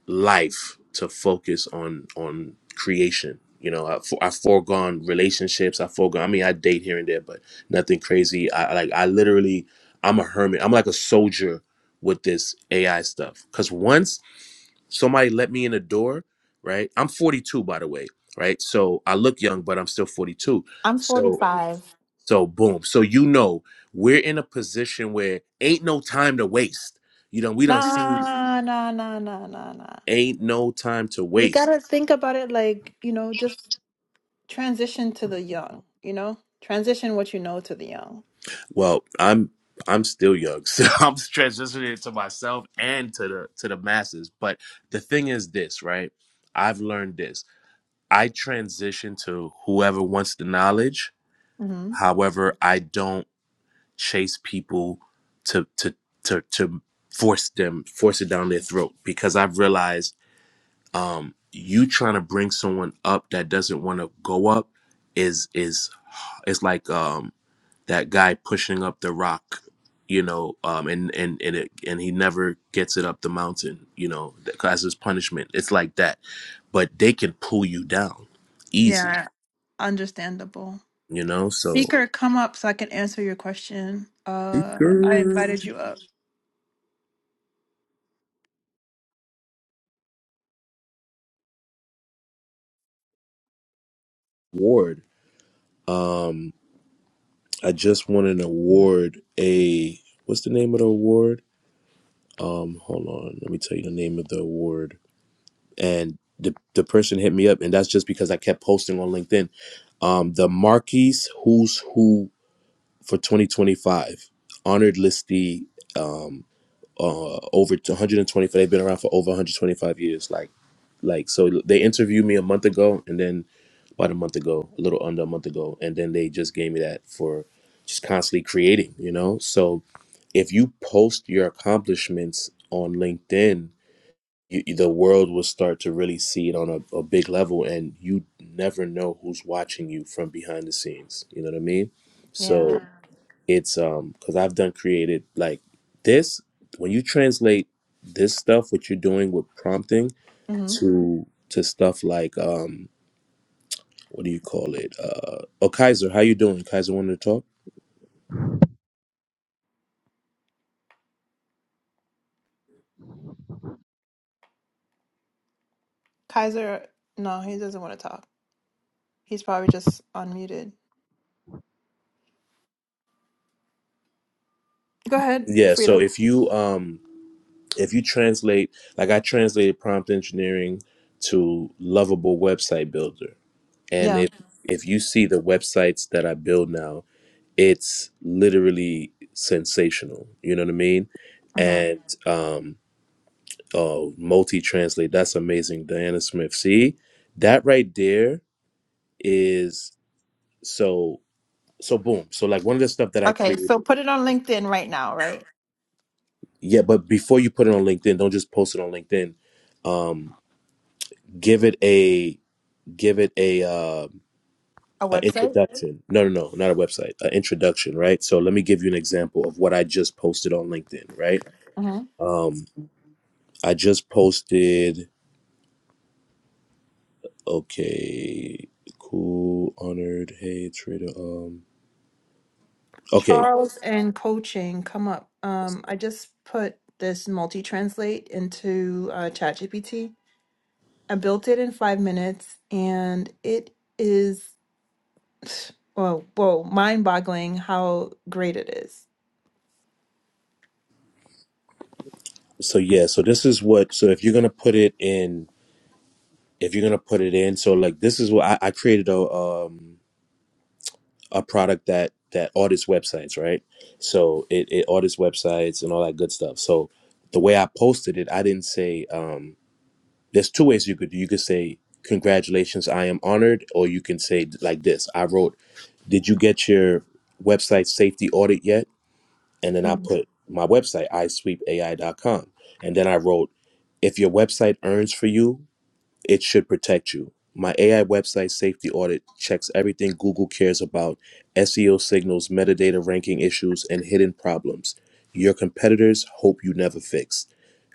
Speaker 6: life to focus on on creation. You know, I, for, I foregone relationships. I foregone. I mean, I date here and there, but nothing crazy. I I- like. I literally, I'm a hermit. I'm like a soldier with this AI stuff. Cause once somebody let me in the door, right? I'm 42 by the way, right? So I look young, but I'm still 42.
Speaker 2: I'm
Speaker 6: So
Speaker 2: 45.
Speaker 6: so boom. So you know, we're in a position where ain't no time to waste. You know, we done seen
Speaker 2: Nah, nah, nah, nah, nah, nah.
Speaker 6: ain't no time to
Speaker 2: We
Speaker 6: waste.
Speaker 2: gotta think about it like, you know, just transition to the young, you know? Transition what you know to the young.
Speaker 6: Well, I'm I'm still young, so I'm transitioning to myself and to the to the masses. But the thing is this, right? I've learned this. I transition to whoever wants the knowledge.
Speaker 2: hmm
Speaker 6: However, I don't. chase people to to to to force them force it down their throat because I've realized um you trying to bring someone up that doesn't want to go up is is it's like um that guy pushing up the rock you know um and and and it, and he never gets it up the mountain you know as his punishment it's like that but they can pull you down easy
Speaker 2: Yeah, understandable.
Speaker 6: you know so
Speaker 2: Seeker, come up so I can answer your question. Uh, I
Speaker 6: Seeker
Speaker 2: invited you up.
Speaker 6: ward. Um I just won an award. A what's the name of the award? Um, hold on, let me tell you the name of the award. And the the person hit me up, and that's just because I kept posting on LinkedIn. Um, the Marquis Who's Who for 2025 honored listee. Um, uh, over 125. They've been around for over 125 years. Like, like so they interviewed me a month ago, and then about a month ago, a little under a month ago, and then they just gave me that for just constantly creating. You know, so if you post your accomplishments on LinkedIn, you, the world will start to really see it on a, a big level, and you never know who's watching you from behind the scenes. You know what I mean? So
Speaker 2: Yeah.
Speaker 6: Mm. it's um because I've done created like this when you translate this stuff what you're doing with prompting
Speaker 2: hmm
Speaker 6: to to stuff like um what do you call it uh oh Kaiser how you doing Kaiser wanted to talk
Speaker 2: Kaiser, no, he doesn't want to talk. He's probably just unmuted. Go ahead,
Speaker 6: yeah so
Speaker 2: Frida.
Speaker 6: if you um if you translate like i translated prompt engineering to lovable website builder and
Speaker 2: Yeah.
Speaker 6: if if you see the websites that i build now it's literally sensational you know what i mean
Speaker 2: hmm
Speaker 6: and um oh multi translate that's amazing diana smith see that right there is so so boom so like one of the stuff that i
Speaker 2: Okay,
Speaker 6: created
Speaker 2: so put it on LinkedIn right now, right?
Speaker 6: yeah but before you put it on linkedin don't just post it on linkedin um give it a give it a uh,
Speaker 2: A
Speaker 6: an
Speaker 2: website?
Speaker 6: introduction. No, no, no, not a website, an introduction, right? So let me give you an example of what I just posted on LinkedIn, right? Um, I just posted. Okay, cool, honored. Hey, trader. Um, okay,
Speaker 2: Charles and coaching come up. Um, I just put this multi translate into uh, ChatGPT. I built it in five minutes, and it is well, whoa, mind boggling how great it is.
Speaker 6: so yeah, so this is what. So if you're gonna put it in, if you're gonna put it in, so like this is what I, I created a um a product that that audits websites, right? So it, it audits websites and all that good stuff. So the way I posted it, I didn't say um, there's two ways you could do. You could say congratulations, I am honored, or you can say like this. I wrote, did you get your website safety audit yet? And then I
Speaker 2: Mhm.
Speaker 6: put my website i sweep a i dot com, and then I wrote, if your website earns for you it should protect you. My AI website safety audit checks everything Google cares about SEO signals, metadata ranking issues, and hidden problems your competitors hope you never fix.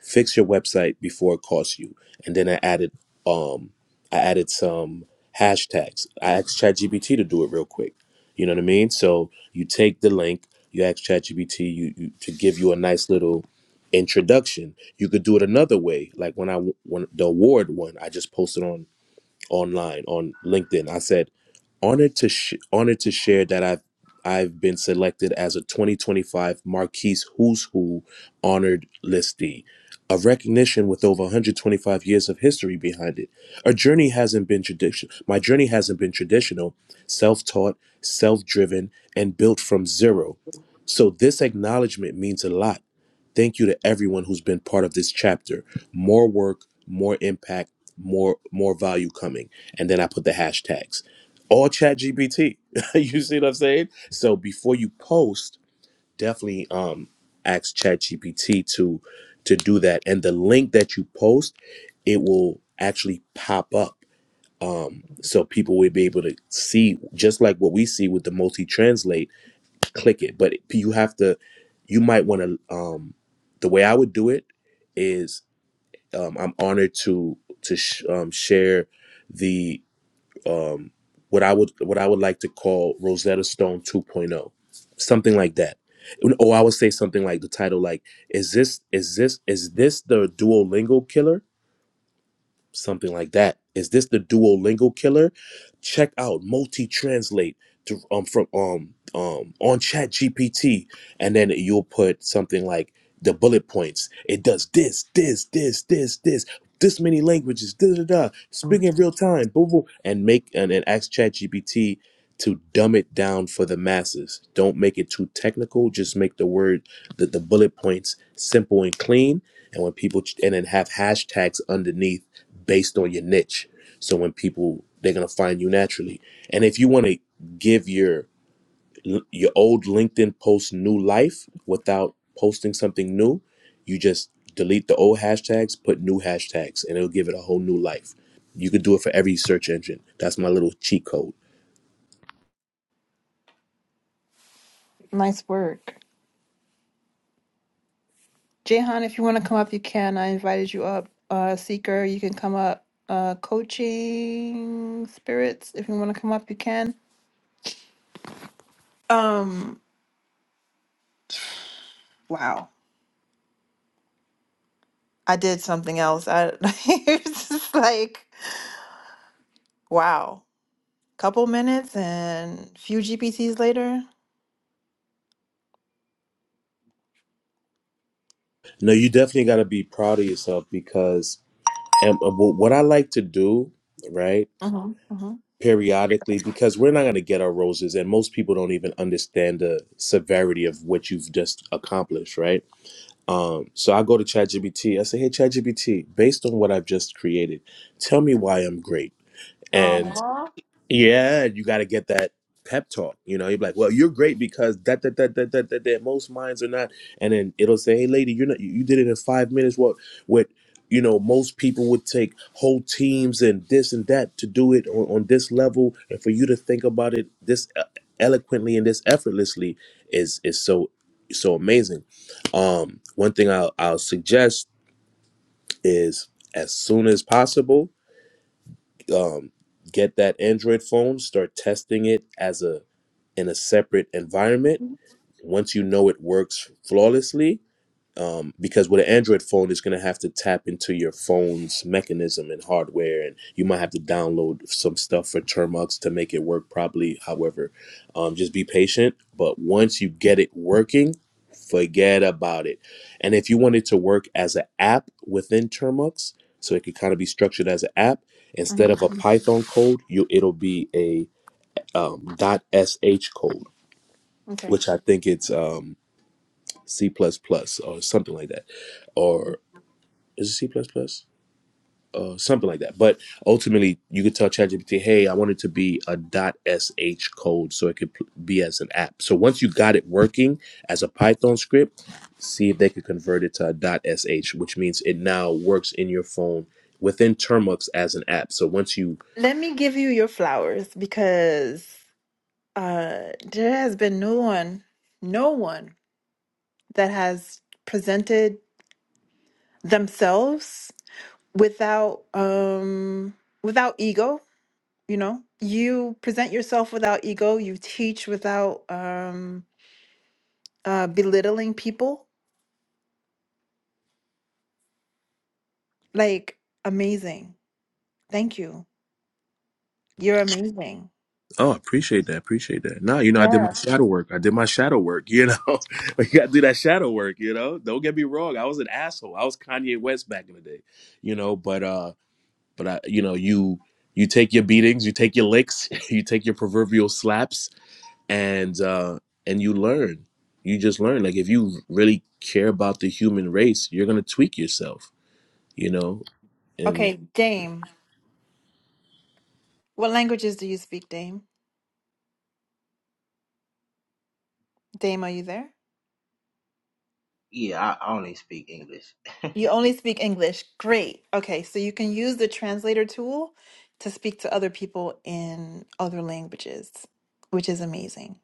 Speaker 6: Fix your website before it costs you. And then I added um I added some hashtags. I asked ChatGPT to do it real quick. You know what I mean? So you take the link, you ask ChatGPT you, you to give you a nice little introduction you could do it another way, like when I when the award one I just posted on online on LinkedIn. I said honored to sh- honored to share that I've I've been selected as a 2025 Marquise Who's Who honored listee, a recognition with over 125 years of history behind it. A journey hasn't been tradition. My journey hasn't been traditional, self-taught, self-driven, and built from zero. So this acknowledgement means a lot Thank you to everyone who's been part of this chapter. More work, more impact, more more value coming. And then I put the hashtags. All ChatGPT. you see what I'm saying? So before you post, definitely um ask ChatGPT to to do that. And the link that you post, it will actually pop up. Um so people will be able to see just like what we see with the multi-translate click it. But you have to, you might want to. Um, the way I would do it is, um, I'm honored to to sh- um, share the um, what I would what I would like to call Rosetta Stone 2.0, something like that. Or I would say something like the title, like is this is this is this the Duolingo killer? something like that. Is this the Duolingo killer? Check out multi translate to um from um um on Chat GPT, and then you'll put something like the bullet points. It does this, this, this, this, this, this many languages, da da da. Speaking in real time, boo boo, and make and, and ask Chat GPT to dumb it down for the masses. Don't make it too technical. Just make the word, the, the bullet points simple and clean. And when people, and then have hashtags underneath based on your niche. So when people, they're going to find you naturally. And if you want to give your, your old LinkedIn post new life without posting something new, you just delete the old hashtags, put new hashtags, and it'll give it a whole new life. You could do it for every search engine. That's my little cheat code.
Speaker 2: Nice work, Jehan. If you want to come up, you can. I invited you up. Uh, Seeker, you can come up. Uh, coaching spirits, if you want to come up, you can. Um, wow. I did something else. I it's just like wow. Couple minutes and few GPTs later.
Speaker 6: No, you definitely got to be proud of yourself because and uh, wh- what I like to do, right,
Speaker 2: Mm-hmm. Mm-hmm.
Speaker 6: periodically, because we're not going to get our roses, and most people don't even understand the severity of what you've just accomplished, right? Um, so I go to ChatGPT. I say, "Hey, ChatGPT, based on what I've just created, tell me why I'm great." And
Speaker 2: Oh.
Speaker 6: yeah, you got to get that pep talk. You know, you're like, well, you're great because that, that, that, that, that, that, that. Most minds are not. And then it'll say, hey, lady, you're not. You did it in five minutes. What, what? You know, most people would take whole teams and this and that to do it on, on this level, and for you to think about it this uh, eloquently and this effortlessly is is so so amazing. Um, one thing I'll, I'll suggest is as soon as possible um, get that Android phone, start testing it as a in a separate environment. Once you know it works flawlessly, um, because with an Android phone, it's going to have to tap into your phone's mechanism and hardware, and you might have to download some stuff for Termux to make it work properly. However, um, just be patient. But once you get it working, forget about it. And if you want it to work as an app within Termux, so it could kind of be structured as an app instead of a
Speaker 2: mhm.
Speaker 6: Python code, you it'll be a um, .sh code,
Speaker 2: Okay.
Speaker 6: which I think it's um, C++ plus plus or something like that or is it C plus plus? Uh, something like that. But ultimately, you could tell ChatGPT, "Hey, I want it to be a .sh code, so it could pl- be as an app." So once you got it working as a Python script, see if they could convert it to a .sh, which means it now works in your phone within Termux as an app. So once you,
Speaker 2: Let me give you your flowers because uh there has been no one, no one that has presented themselves without um without ego you know you present yourself without ego you teach without um uh belittling people like amazing thank you you're amazing
Speaker 6: oh, appreciate that, appreciate that. Now you know I did my shadow work. I did my shadow work. You know, Like, you got to do that shadow work. You know, don't get me wrong. I was an asshole. I was Kanye West back in the day. You know, but uh but I, you know you you take your beatings you take your licks you take your proverbial slaps and uh and you learn you just learn like if you really care about the human race you're gonna tweak yourself you know and
Speaker 2: okay dame what languages do you speak dame dame are you there
Speaker 7: Yeah, I I only speak English.
Speaker 2: you only speak english great okay so you can use the translator tool to speak to other people in other languages which is amazing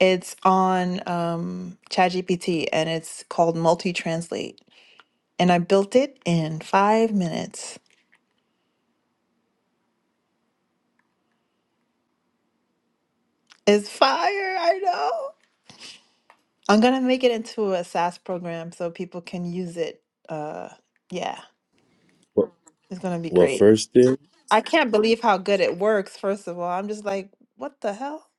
Speaker 2: it's on um, ChatGPT and it's called Multi Translate and I built it in five minutes. It's fire, I know. I'm gonna make it into a SaaS program so people can use it. Uh, yeah, it's gonna be
Speaker 6: well
Speaker 2: great.
Speaker 6: first thing
Speaker 2: I can't believe how good it works, first of all. I'm just like, what the hell?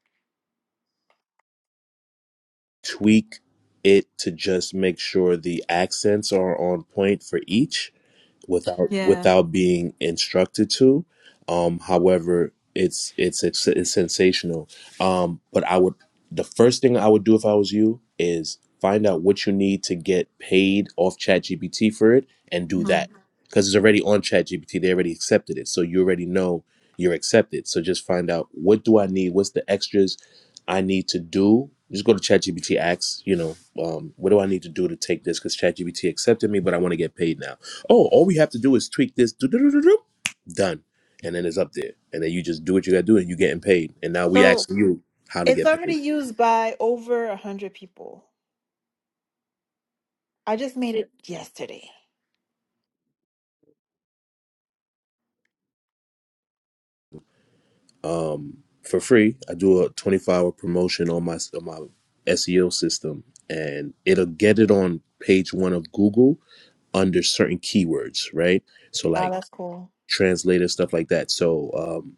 Speaker 6: tweak it to just make sure the accents are on point for each without Yeah.
Speaker 2: Yeah.
Speaker 6: without being instructed to. Um, however, it's it's it's, it's sensational. Um, but I would the first thing I would do if I was you is find out what you need to get paid off ChatGPT for it and do that
Speaker 2: mhm.
Speaker 6: because it's already on ChatGPT. They already accepted it, so you already know you're accepted. So just find out what do I need, what's the extras I need to do. Just go to ChatGPT, ask, you know, um, what do I need to do to take this? Because ChatGPT accepted me, but I want to get paid now Oh, all we have to do is tweak this. do-do-do-do-do, Done. And then it's up there. And then you just do what you gotta do and you're getting paid. And now we
Speaker 2: So
Speaker 6: asking you how to
Speaker 2: it's
Speaker 6: get
Speaker 2: already
Speaker 6: paid.
Speaker 2: used by over a hundred people. I just made it yesterday.
Speaker 6: Um for free. I do a 24 hour promotion on my on my SEO system and it'll get it on page one of Google under certain keywords, right? So
Speaker 2: Oh,
Speaker 6: like
Speaker 2: that's cool.
Speaker 6: translator, stuff like that. So um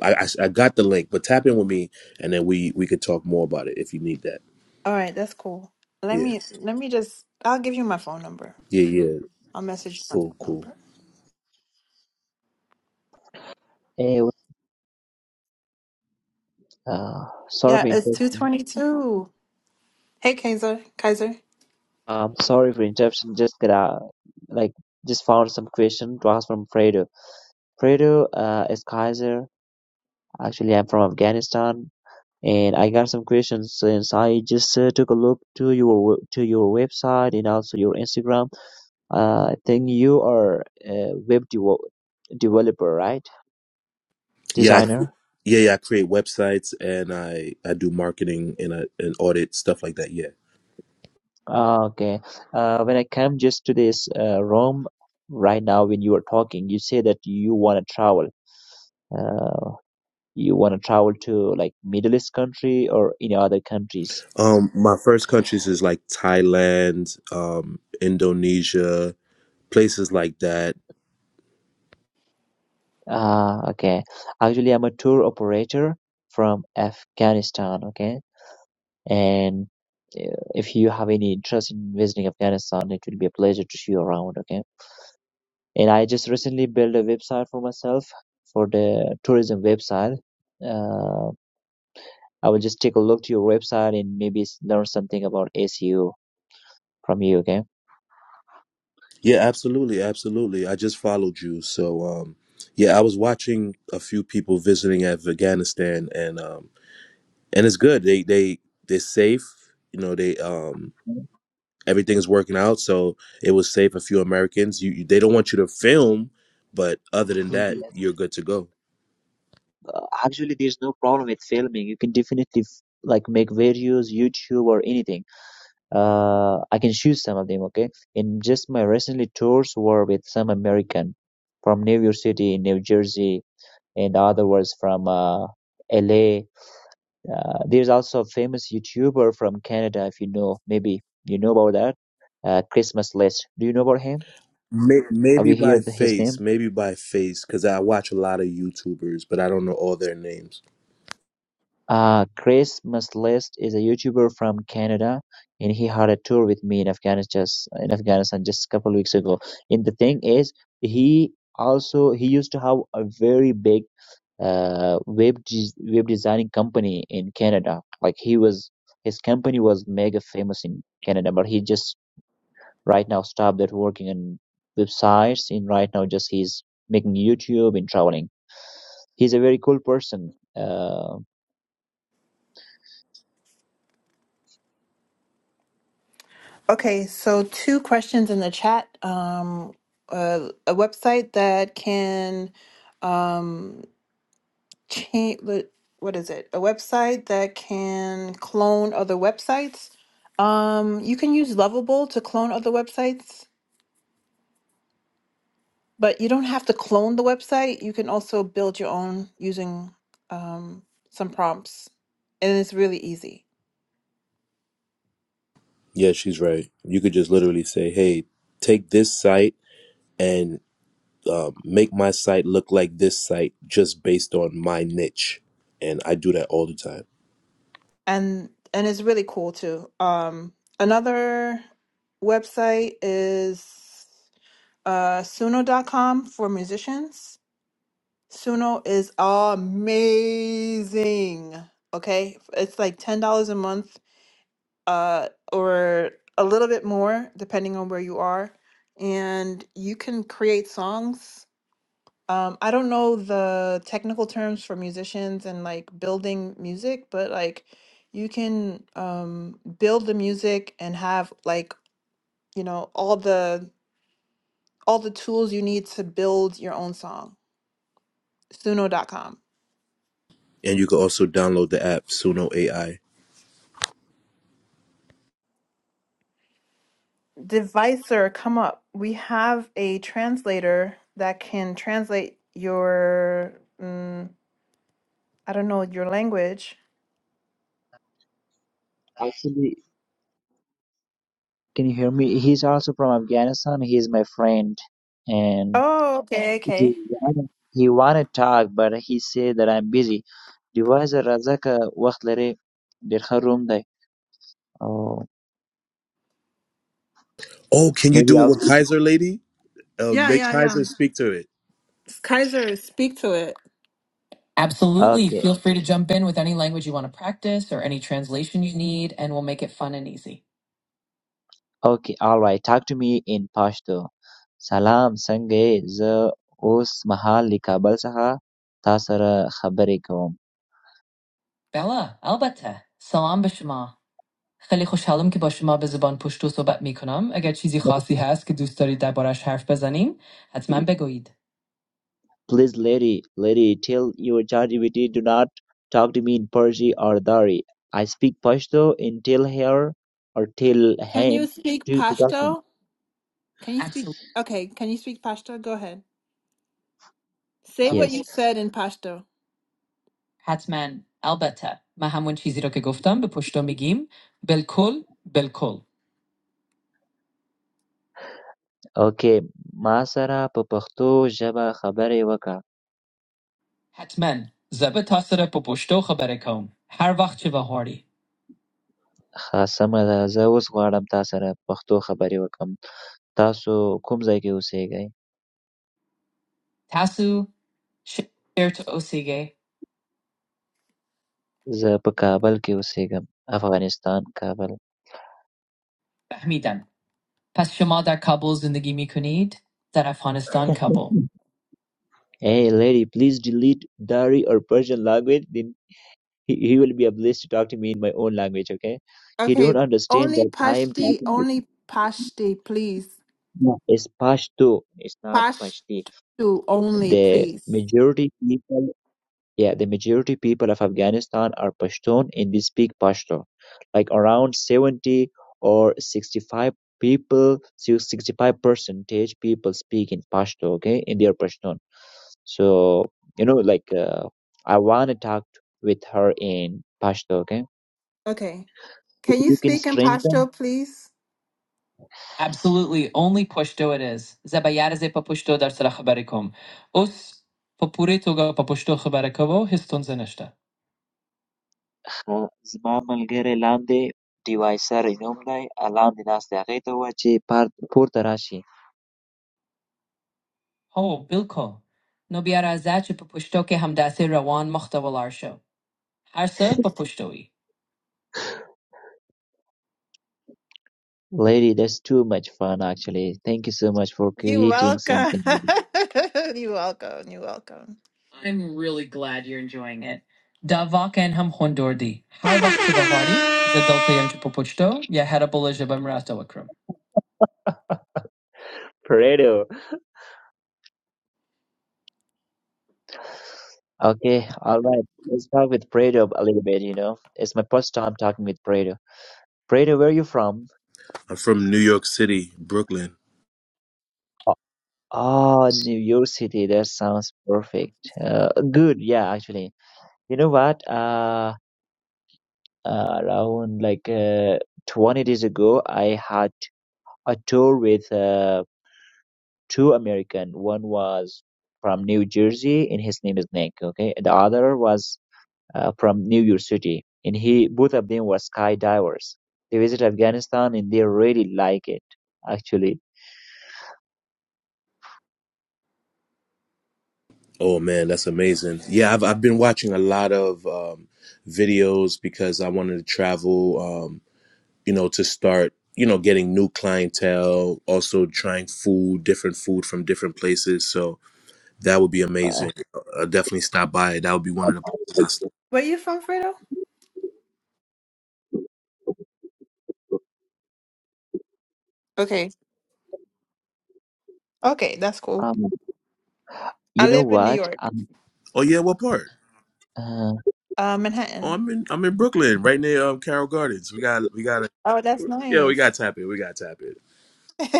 Speaker 6: I, I, I got the link, but tap in with me and then we we could talk more about it if you need that.
Speaker 2: All right, that's cool. Let
Speaker 6: Yeah.
Speaker 2: me let me just I'll give you my phone number.
Speaker 6: Yeah, yeah.
Speaker 2: I'll message you my
Speaker 6: Cool,
Speaker 2: phone
Speaker 6: cool.
Speaker 2: number.
Speaker 3: Hey, w- uh, sorry
Speaker 2: Yeah,
Speaker 3: for
Speaker 2: it's
Speaker 3: interruption.
Speaker 2: 222. Hey Kaiser, Kaiser.
Speaker 3: i sorry for interruption. Just got uh, like just found some question to ask from Fredo. Fredo uh, is Kaiser. actually I'm from Afghanistan and I got some questions since I just uh, took a look to your w- to your website and also your Instagram. Uh, I think you are a web devo developer, right?
Speaker 6: Yeah, I
Speaker 3: Designer.
Speaker 6: Yeah, yeah, I create websites and I I do marketing and I, and audit stuff like that. Yeah.
Speaker 3: Ah, Okay. Uh, when I come just to this uh, room right now when you were talking, you say that you want to travel. Uh, you want to travel to like Middle East country or any other countries.
Speaker 6: Um, my first countries is like Thailand, um, Indonesia, places like that.
Speaker 3: Ah, okay. Actually, I'm a tour operator from Afghanistan, okay? And uh, if you have any interest in visiting Afghanistan, it will be a pleasure to show you around, okay? And I just recently built a website for myself for the tourism website. Uh, I will just take a look to your website and maybe s- learn something about SEO from you, okay?
Speaker 6: Yeah, absolutely, absolutely. I just followed you, so um, yeah, I was watching a few people visiting Afghanistan, and um, and it's good. They they they're safe. You know, they um everything is working out, so it was safe. A few Americans. You, you they don't want you to film, but other than that,
Speaker 3: Yes,
Speaker 6: you're good to go.
Speaker 3: uh, Actually, there's no problem with filming. You can definitely f- like make videos, YouTube, or anything uh, I can choose some of them, okay? And just my recently tours were with some American from New York City, New Jersey, and other ones from uh, LA. Uh, there's also a famous YouTuber from Canada, if you know, maybe you know about that, uh, Christmas List. Do you know about him?
Speaker 6: May-
Speaker 3: Have
Speaker 6: Maybe
Speaker 3: you
Speaker 6: by
Speaker 3: heard his
Speaker 6: face,
Speaker 3: name?
Speaker 6: maybe by face, because I watch a lot of YouTubers, but I don't know all their names.
Speaker 3: Uh, Chris Musselest is a YouTuber from Canada, and he had a tour with me in Afghanistan just in Afghanistan just a couple of weeks ago. And the thing is, he also he used to have a very big uh, web des- web designing company in Canada. Like he was his company was mega famous in Canada, but he just right now stopped that working on websites and right now just he's making YouTube and traveling. He's a very cool person. Uh,
Speaker 2: Okay, so two questions in the chat. Um, uh, a website that can um, change, what is it? A website that can clone other websites. Um, you can use Lovable to clone other websites, but you don't have to clone the website. You can also build your own using um, some prompts, and it's really easy.
Speaker 6: Yeah, she's right. You could just literally say, "Hey, take this site and um, make my site look like this site, just based on my niche." And I do that all the time.
Speaker 2: and and it's really cool too. Um, another website is uh, Suno dot com for musicians. Suno is amazing. Okay, it's like ten dollars a month, uh, or a little bit more depending on where you are, and you can create songs um, I don't know the technical terms for musicians and like building music, but like you can um build the music and have like, you know, all the all the tools you need to build your own song. Suno. dot Suno.com.
Speaker 6: And you could also download the app Suno AI.
Speaker 2: Devicer, come up. We have a translator that can translate your mm, I don't know, your language.
Speaker 3: actually Can you hear me? He's also from Afghanistan. He's my friend, and
Speaker 2: Oh, okay,
Speaker 3: he
Speaker 2: okay.
Speaker 3: wanna, he wanna talk, but he said that I'm busy. جواز رزق وقت لري ډېر ښه روم دی. Oh,
Speaker 6: Oh, can you
Speaker 3: maybe
Speaker 6: do it
Speaker 3: I'll
Speaker 6: with
Speaker 3: speak.
Speaker 6: Kaiser Lady? Uh,
Speaker 2: Yeah,
Speaker 6: make
Speaker 2: yeah, yeah.
Speaker 6: Kaiser speak to it.
Speaker 2: Kaiser, speak to it. Absolutely.
Speaker 3: Okay,
Speaker 2: Feel free to jump in with any language you want to practice or any translation you need, and we'll make it fun and easy.
Speaker 3: okay, all right. Talk to me in Pashto. Salam, څنګه یې؟ زه اوس مهال له کابل څخه تا سره خبرې کوم.
Speaker 2: Bella, البته. salam به شما. خیلی خوشحالم که با شما به زبان پشتو صحبت میکنم. اگر چیزی خاصی هست که دوست دارید دربارش حرف بزنیم، حتما بگویید.
Speaker 3: Please lady, lady, tell your ChatGPT do not talk to me in Persi or Dari. I speak Pashto and tell her or tell
Speaker 2: Can you
Speaker 3: him to,
Speaker 2: speak
Speaker 3: do the talking.
Speaker 2: Pashto? Can you speak? Absolutely. Okay, can you speak Pashto? Go ahead. Say Of what you
Speaker 3: Yes.
Speaker 2: course. said in Pashto. حتما البته من همون چیزی رو که گفتم به پشتو میگیم بالکل بالکل
Speaker 3: Okay. ما سره په پښتو ژبه خبرې وکړه.
Speaker 2: Hat men zabat asra popustoch aberekom har vaqt chivahardi
Speaker 3: ښه سمه ده. زه اوس غواړم تا سره په پښتو خبرې وکړم. تاسو کوم ځای کې اوسېږئ؟
Speaker 2: tasu shir to osige
Speaker 3: زه په کابل کې اوسېږم. افغانستان کابل.
Speaker 2: bahmidam pashto dar Kabul zunde gimikonid dar Afghanistan Kabul.
Speaker 3: Hey lady, please delete Dari or Persian language. He, he will be a to talk to me in my own language, okay? He
Speaker 2: Okay,
Speaker 3: don't understand
Speaker 2: only
Speaker 3: that I am
Speaker 2: Pashto,
Speaker 3: talking. It's
Speaker 2: only Pashto, please.
Speaker 3: not- it's Pashto. It's not Pashti.
Speaker 2: Pashto only,
Speaker 3: The
Speaker 2: please.
Speaker 3: majority people, yeah, the majority people of Afghanistan are Pashtun and they speak Pashto. Like around 70 or 65 people, si, 65 percentage people speak in Pashto, okay? In their Pashtun. So, you know, like uh, I want to talk with her in Pashto, okay?
Speaker 2: Okay. Can you
Speaker 3: you can
Speaker 2: speak in
Speaker 3: strengthen.
Speaker 2: Pashto, please? Absolutely. Only Pashto it is. Zabayaraze pa Pashto dar sara khabarikom. Us papure toga pa Pashto khabarikovo histon zanishta.
Speaker 3: زما ملګری لاندې Deviser نوملی لاندې ناست دی هغې ته ووایه چې پار- پورته راشي
Speaker 2: Oh, bilko. No biara zache pa Pashto ke hamdase rawan muhtawal arsho. Harsa pa Pashto-i.
Speaker 3: Lady, that's too much fun actually. Thank you so much for
Speaker 2: You're
Speaker 3: creating
Speaker 2: welcome.
Speaker 3: something. with
Speaker 2: You're welcome. You're welcome. I'm really glad you're enjoying it. Da vaken ham hondordi. Har vaxt je zadolte yam chupopuchto, ya harapula jabam akram.
Speaker 3: Fredo. Okay, all right. Let's talk with Fredo a little bit, you know. It's my first time talking with Fredo. Fredo, where are you from?
Speaker 6: I'm from New York City, Brooklyn.
Speaker 3: Oh, oh, New York City. That sounds perfect. Uh, good. Yeah, actually. You know what? Uh, uh, around like uh, 20 days ago, I had a tour with uh, two American. One was from New Jersey, and his name is Nick. Okay, the other was uh, from New York City, and he both of them were skydivers. They visit Afghanistan, and they really like it. Actually,
Speaker 6: Oh man, that's amazing. Yeah, I've I've been watching a lot of um, videos because I wanted to travel. Um, you know, to start, you know, getting new clientele, also trying food, different food from different places. So that would be
Speaker 3: But,
Speaker 6: amazing. I'll definitely stop by. That would be one of the places. I stop.
Speaker 2: Where you from, Fredo? Okay. Okay, that's cool.
Speaker 3: um, you
Speaker 2: I
Speaker 3: know
Speaker 2: live in New
Speaker 3: what?
Speaker 2: York,
Speaker 3: Um,
Speaker 6: Oh yeah, what part?
Speaker 3: uh,
Speaker 2: uh,
Speaker 6: Oh,
Speaker 2: Manhattan.
Speaker 6: I'm in I'm in Brooklyn, right near um, Carroll Gardens. We got we got a
Speaker 2: Oh, that's
Speaker 6: yeah, we got
Speaker 2: nice.
Speaker 6: to tap it. We got to tap it.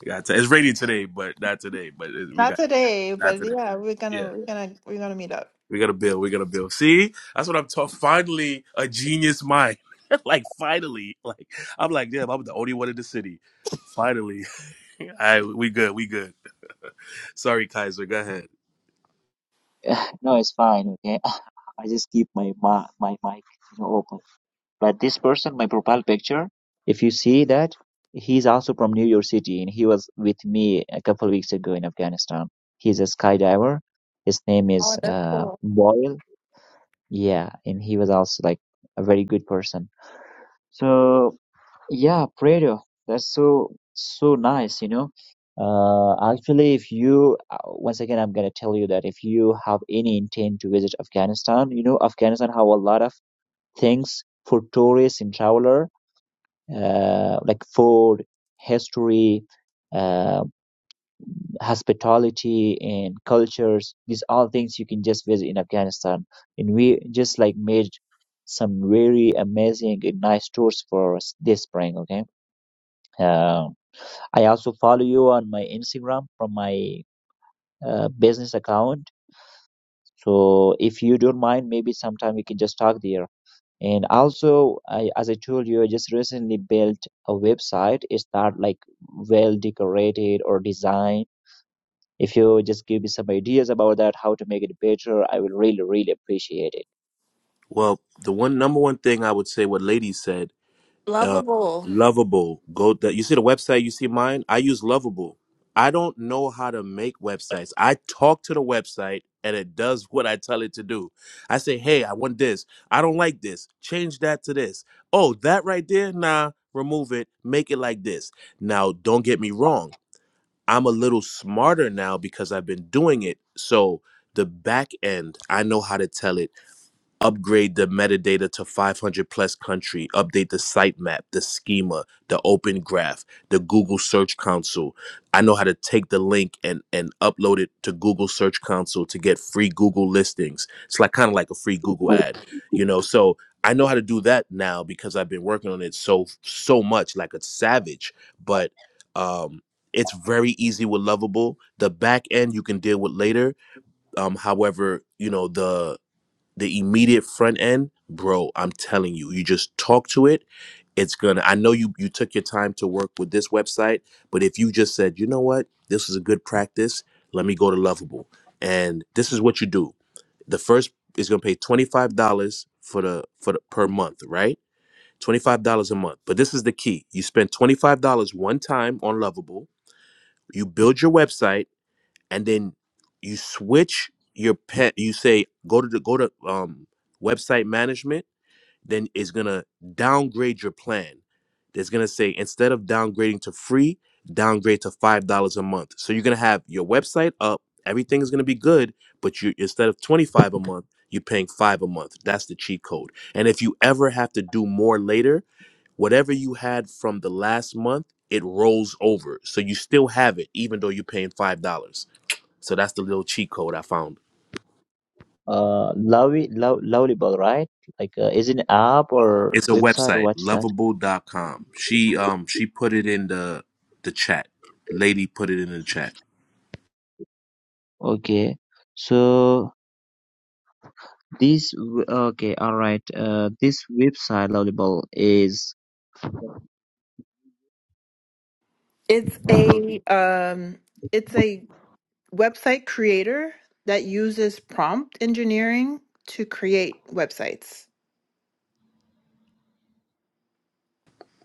Speaker 6: We got to, it's raining today, but not today. But it, we
Speaker 2: Not
Speaker 6: got
Speaker 2: today,
Speaker 6: not
Speaker 2: but
Speaker 6: today.
Speaker 2: yeah, we're
Speaker 6: Yeah.
Speaker 2: gonna we're gonna we're gonna meet up.
Speaker 6: We're gonna build. We're gonna build. See, that's what I'm talking. Finally, a genius mind. like finally, like I'm like, damn, I'm the only one in the city. Finally, I we good. We good. Sorry, Kaiser. Go ahead.
Speaker 3: no, it's fine. Okay, I just keep my ma- my mic you know, open. But this person, my profile picture, if you see that, he's also from New York City and he was with me a couple of weeks ago in Afghanistan. He's a skydiver. His name
Speaker 2: Oh,
Speaker 3: is
Speaker 2: that's
Speaker 3: uh,
Speaker 2: cool.
Speaker 3: Boyle. Yeah, and he was also like a very good person. So yeah, Prado, that's so so nice, you know. Uh, actually, if you uh, once again, I'm gonna tell you that if you have any intent to visit Afghanistan, you know Afghanistan have a lot of things for tourists and traveler uh, like food, history, uh, hospitality, and cultures. These all things you can just visit in Afghanistan. And we just like made some very amazing and nice tours for us this spring. Okay. Uh, I also follow you on my Instagram from my uh, business account. So if you don't mind, maybe sometime we can just talk there. and also I, as i told you i just recently built a website it's not like well decorated or designed if you just give me some ideas about that how to make it better i will really really appreciate it
Speaker 6: Well, the one number one thing I would say, what lady said. uh, lovable go that you see the website you see mine i use lovable i don't know how to make websites i talk to the website and it does what i tell it to do i say hey i want this i don't like this change that to this oh that right there nah remove it make it like this now don't get me wrong i'm a little smarter now because i've been doing it so the back end i know how to tell it upgrade the metadata to 500 plus country update the sitemap the schema the open graph the google search console i know how to take the link and and upload it to google search console to get free google listings it's like kind of like a free google ad you know so i know how to do that now because i've been working on it so so much like a savage but um it's very easy with lovable the back end you can deal with later um however you know the the immediate front end bro i'm telling you you just talk to it it's gonna i know you you took your time to work with this website but if you just said you know what this is a good practice let me go to lovable and this is what you do the first is gonna pay $25 for the for the per month right $25 a month but this is the key you spend $25 one time on lovable you build your website and then you switch your pet you say go to the go to um website management then it's gonna downgrade your plan it's gonna say instead of downgrading to free downgrade to five dollars a month so you're gonna have your website up everything is gonna be good but you instead of 25 a month you're paying five a month that's the cheat code and if you ever have to do more later whatever you had from the last month it rolls over so you still have it even though you're paying five dollars so that's the little cheat code I found.
Speaker 3: uh lovely lo- lovable right like uh, is it an app or
Speaker 6: It's a
Speaker 3: website or
Speaker 6: website,
Speaker 3: what's that
Speaker 6: lovable dot com. She um she put it in the the chat. Lady put it in the chat.
Speaker 3: okay so this w- okay all right uh this website lovable is
Speaker 2: It's a um it's a website creator that uses prompt engineering to create websites.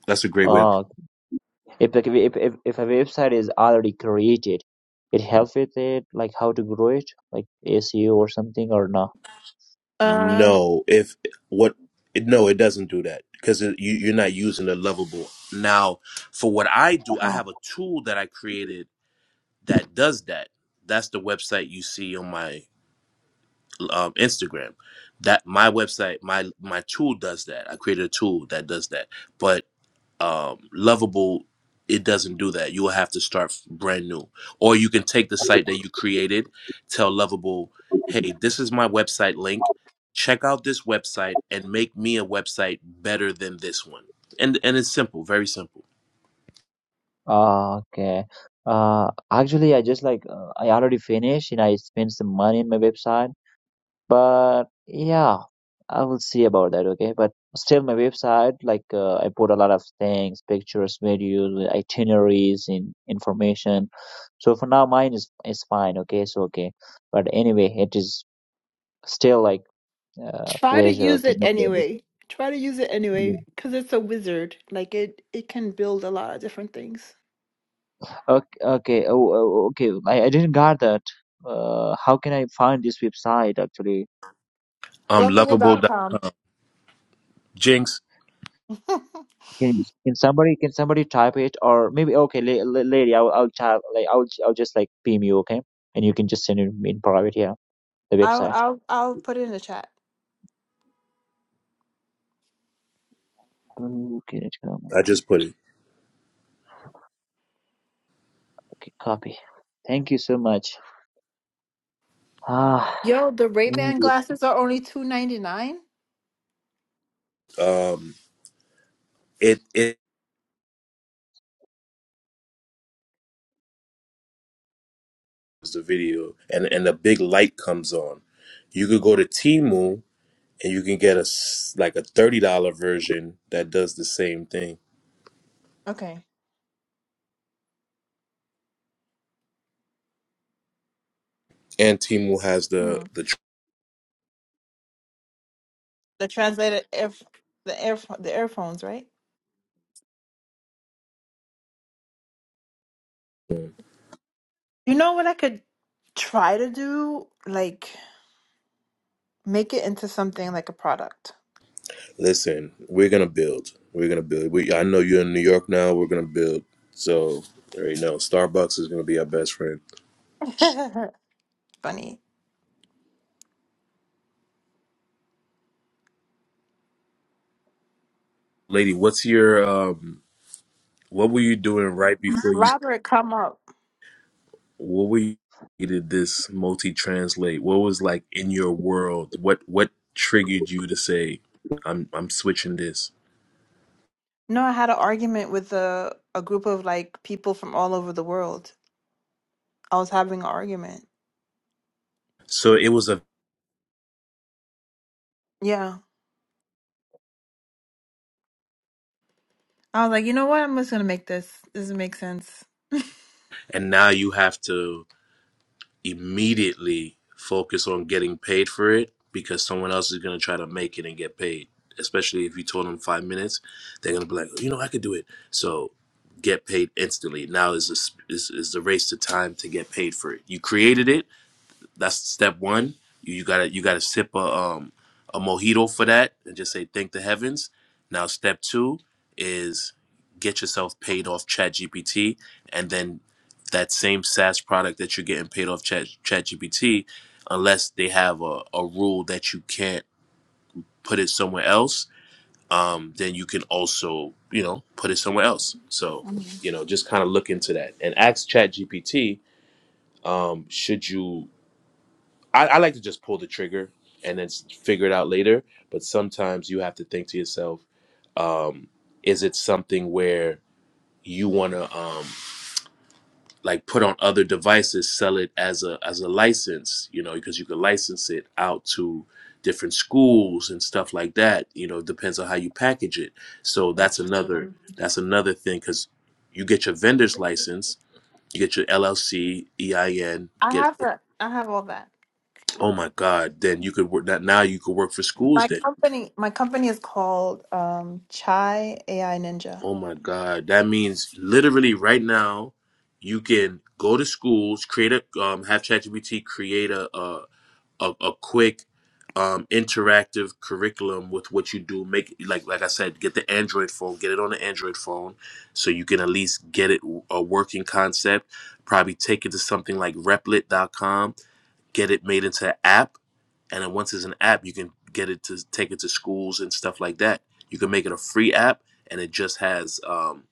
Speaker 6: That's a great way to
Speaker 3: okay if the if, if if a website is already created it helps with it like how to grow it like seo or something or no
Speaker 2: Um
Speaker 6: No, if what it, no, it doesn't do that because you you're not using the lovable. Now, for what I do, I
Speaker 3: uh
Speaker 6: have a tool that I created that does that. That's the website you see on my um, Instagram. That my website, my my tool does that. I created a tool that does that. but. um, lovable it doesn't do that you will have to start brand new or you can take the site that you created tell lovable hey this is my website link check out this website and make me a website better than this one and and it's simple very simple
Speaker 3: Ah, okay uh actually i just like uh, i already finished and i spent some money on my website But yeah, I will see about that, okay? But still, my website, like uh, I put a lot of things, pictures, videos, uh, itineraries, and information. So for now, mine is is fine, okay? So okay. But anyway, it is still like uh,
Speaker 2: try to
Speaker 3: pleasure
Speaker 2: use
Speaker 3: to
Speaker 2: it
Speaker 3: know about this.
Speaker 2: anyway. Try to use it
Speaker 3: Yeah.
Speaker 2: anyway cuz it's a wizard. Like it it can build a lot of different things.
Speaker 3: Okay, okay, oh, oh, okay. I, I didn't got that. Uh, how can I find this website actually?
Speaker 6: um
Speaker 2: Lovable
Speaker 6: lovable
Speaker 2: dot
Speaker 6: dot-
Speaker 2: com.
Speaker 6: jinx
Speaker 3: Can can somebody can somebody type it or maybe okay, la- la- lady, I'll I'll type like I'll I'll just like PM you, okay? And you can just send it in private here, the
Speaker 2: I'll
Speaker 3: website.
Speaker 2: I'll I'll put it in the chat.
Speaker 3: Okay, let's go.
Speaker 6: i
Speaker 3: Okay,
Speaker 6: just put it
Speaker 3: okay, copy. Thank you so much. Ah,
Speaker 2: Yo, the
Speaker 3: mm.
Speaker 2: Ray-Ban glasses are only two ninety nine.
Speaker 6: um it it is the video and and a big light comes on you could go to Timu and you can get a s- like a $30 version that does the same thing
Speaker 2: Okay.
Speaker 6: and Timu has the
Speaker 2: Hmm.
Speaker 6: the.
Speaker 2: The translated air the air the earphones, right?
Speaker 6: tr-
Speaker 2: You know what I could try to do? Like make it into something like a product.
Speaker 6: Listen, we're gonna build. We're gonna build. We, I know you're in New York now. We're gonna build. So there you know, Starbucks is gonna be our best friend.
Speaker 2: Funny.
Speaker 6: Lady, what's your um? What were you doing right before you?
Speaker 2: Robert, come up.
Speaker 6: What were you did this multi translate? What was like in your world? What what triggered you to say, I'm I'm switching this?
Speaker 2: No, I had an argument with a a group of like people from all over the world. I was having an argument.
Speaker 6: So it was a,
Speaker 2: Yeah. I was like, you know what? I'm just gonna make this. This makes sense.
Speaker 6: and now you have to immediately focus on getting paid for it because someone else is going to try to make it and get paid. Especially if you told them five minutes, they're going to be like, you know, I could do it. So get paid instantly. Now is, this, is, is the race to time to get paid for it. You created it that's step one. You, you gotta you gotta sip a um a mojito for that and just say thank the heavens. Now step two is get yourself paid off ChatGPT, and then that same SaaS product that you're getting paid off Chat ChatGPT, unless they have a, a rule that you can't put it somewhere else, um, then you can also you know put it somewhere else. So you know just kind of look into that and ask ChatGPT um, should you I, I like to just pull the trigger and then s- figure it out later. But sometimes you have to think to yourself, um, is it something where you want to um, like put on other devices, sell it as a as a license, you know, because you could license it out to different schools and stuff like that. You know, it depends on how you package it. So that's
Speaker 2: That's true.
Speaker 6: another that's another thing because you get your vendor's license, you get your LLC, EIN.
Speaker 2: I have that. I have all that.
Speaker 6: Oh my God! Then you could work that now. You could work for schools.
Speaker 2: My
Speaker 6: Then
Speaker 2: company, my company is called um, Chai AI Ninja.
Speaker 6: oh my God, that means literally right now, you can go to schools, create a um, have ChatGPT create a a, a, a quick um, interactive curriculum with what you do. Make like like I said, get the Android phone, get it on the Android phone, so you can at least get it a working concept. Probably take it to something like Replit.com, get it made into an app and then once it's an app you can get it to take it to schools and stuff like that you can make it a free app and it just has um,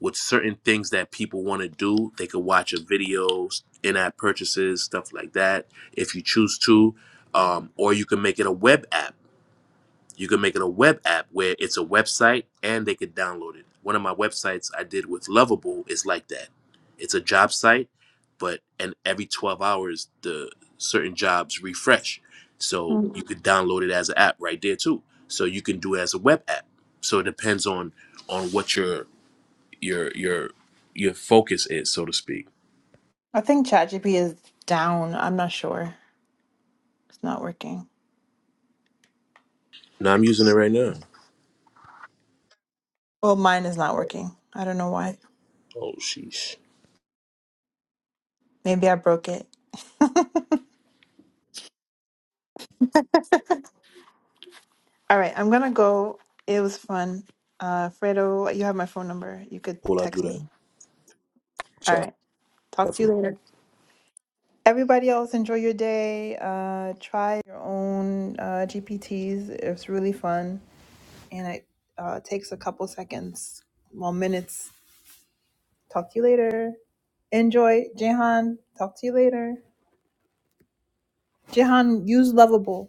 Speaker 6: with certain things that people want to do they can watch a videos in-app purchases stuff like that if you choose to um, or you can make it a web app you can make it a web app where it's a website and they could download it. One of my websites I did with Lovable is like that. It's a job site, but and every 12 hours the certain jobs refresh. So
Speaker 2: Hmm.
Speaker 6: you could download it as an app right there too. So you can do it as a web app. So it depends on on what your your your your focus is, so to speak.
Speaker 2: I think ChatGPT is down. I'm not sure. It's not working.
Speaker 6: Now I'm using it right now.
Speaker 2: Well, mine is not working. I don't know why.
Speaker 6: Oh sheesh.
Speaker 2: Maybe I broke it. All right, I'm gonna go. It was fun. Uh, Fredo, you have my phone number. You could
Speaker 6: Will I do
Speaker 2: text
Speaker 6: that?
Speaker 2: me. All
Speaker 6: Sorry.
Speaker 2: right, talk to
Speaker 6: definitely.
Speaker 2: you later. Everybody else, enjoy your day. Uh, try your own uh, GPTs. It's really fun, and it uh, takes a couple seconds, well, minutes. Talk to you later. Enjoy, Jehan. Talk to you later. Jehan, use Lovable.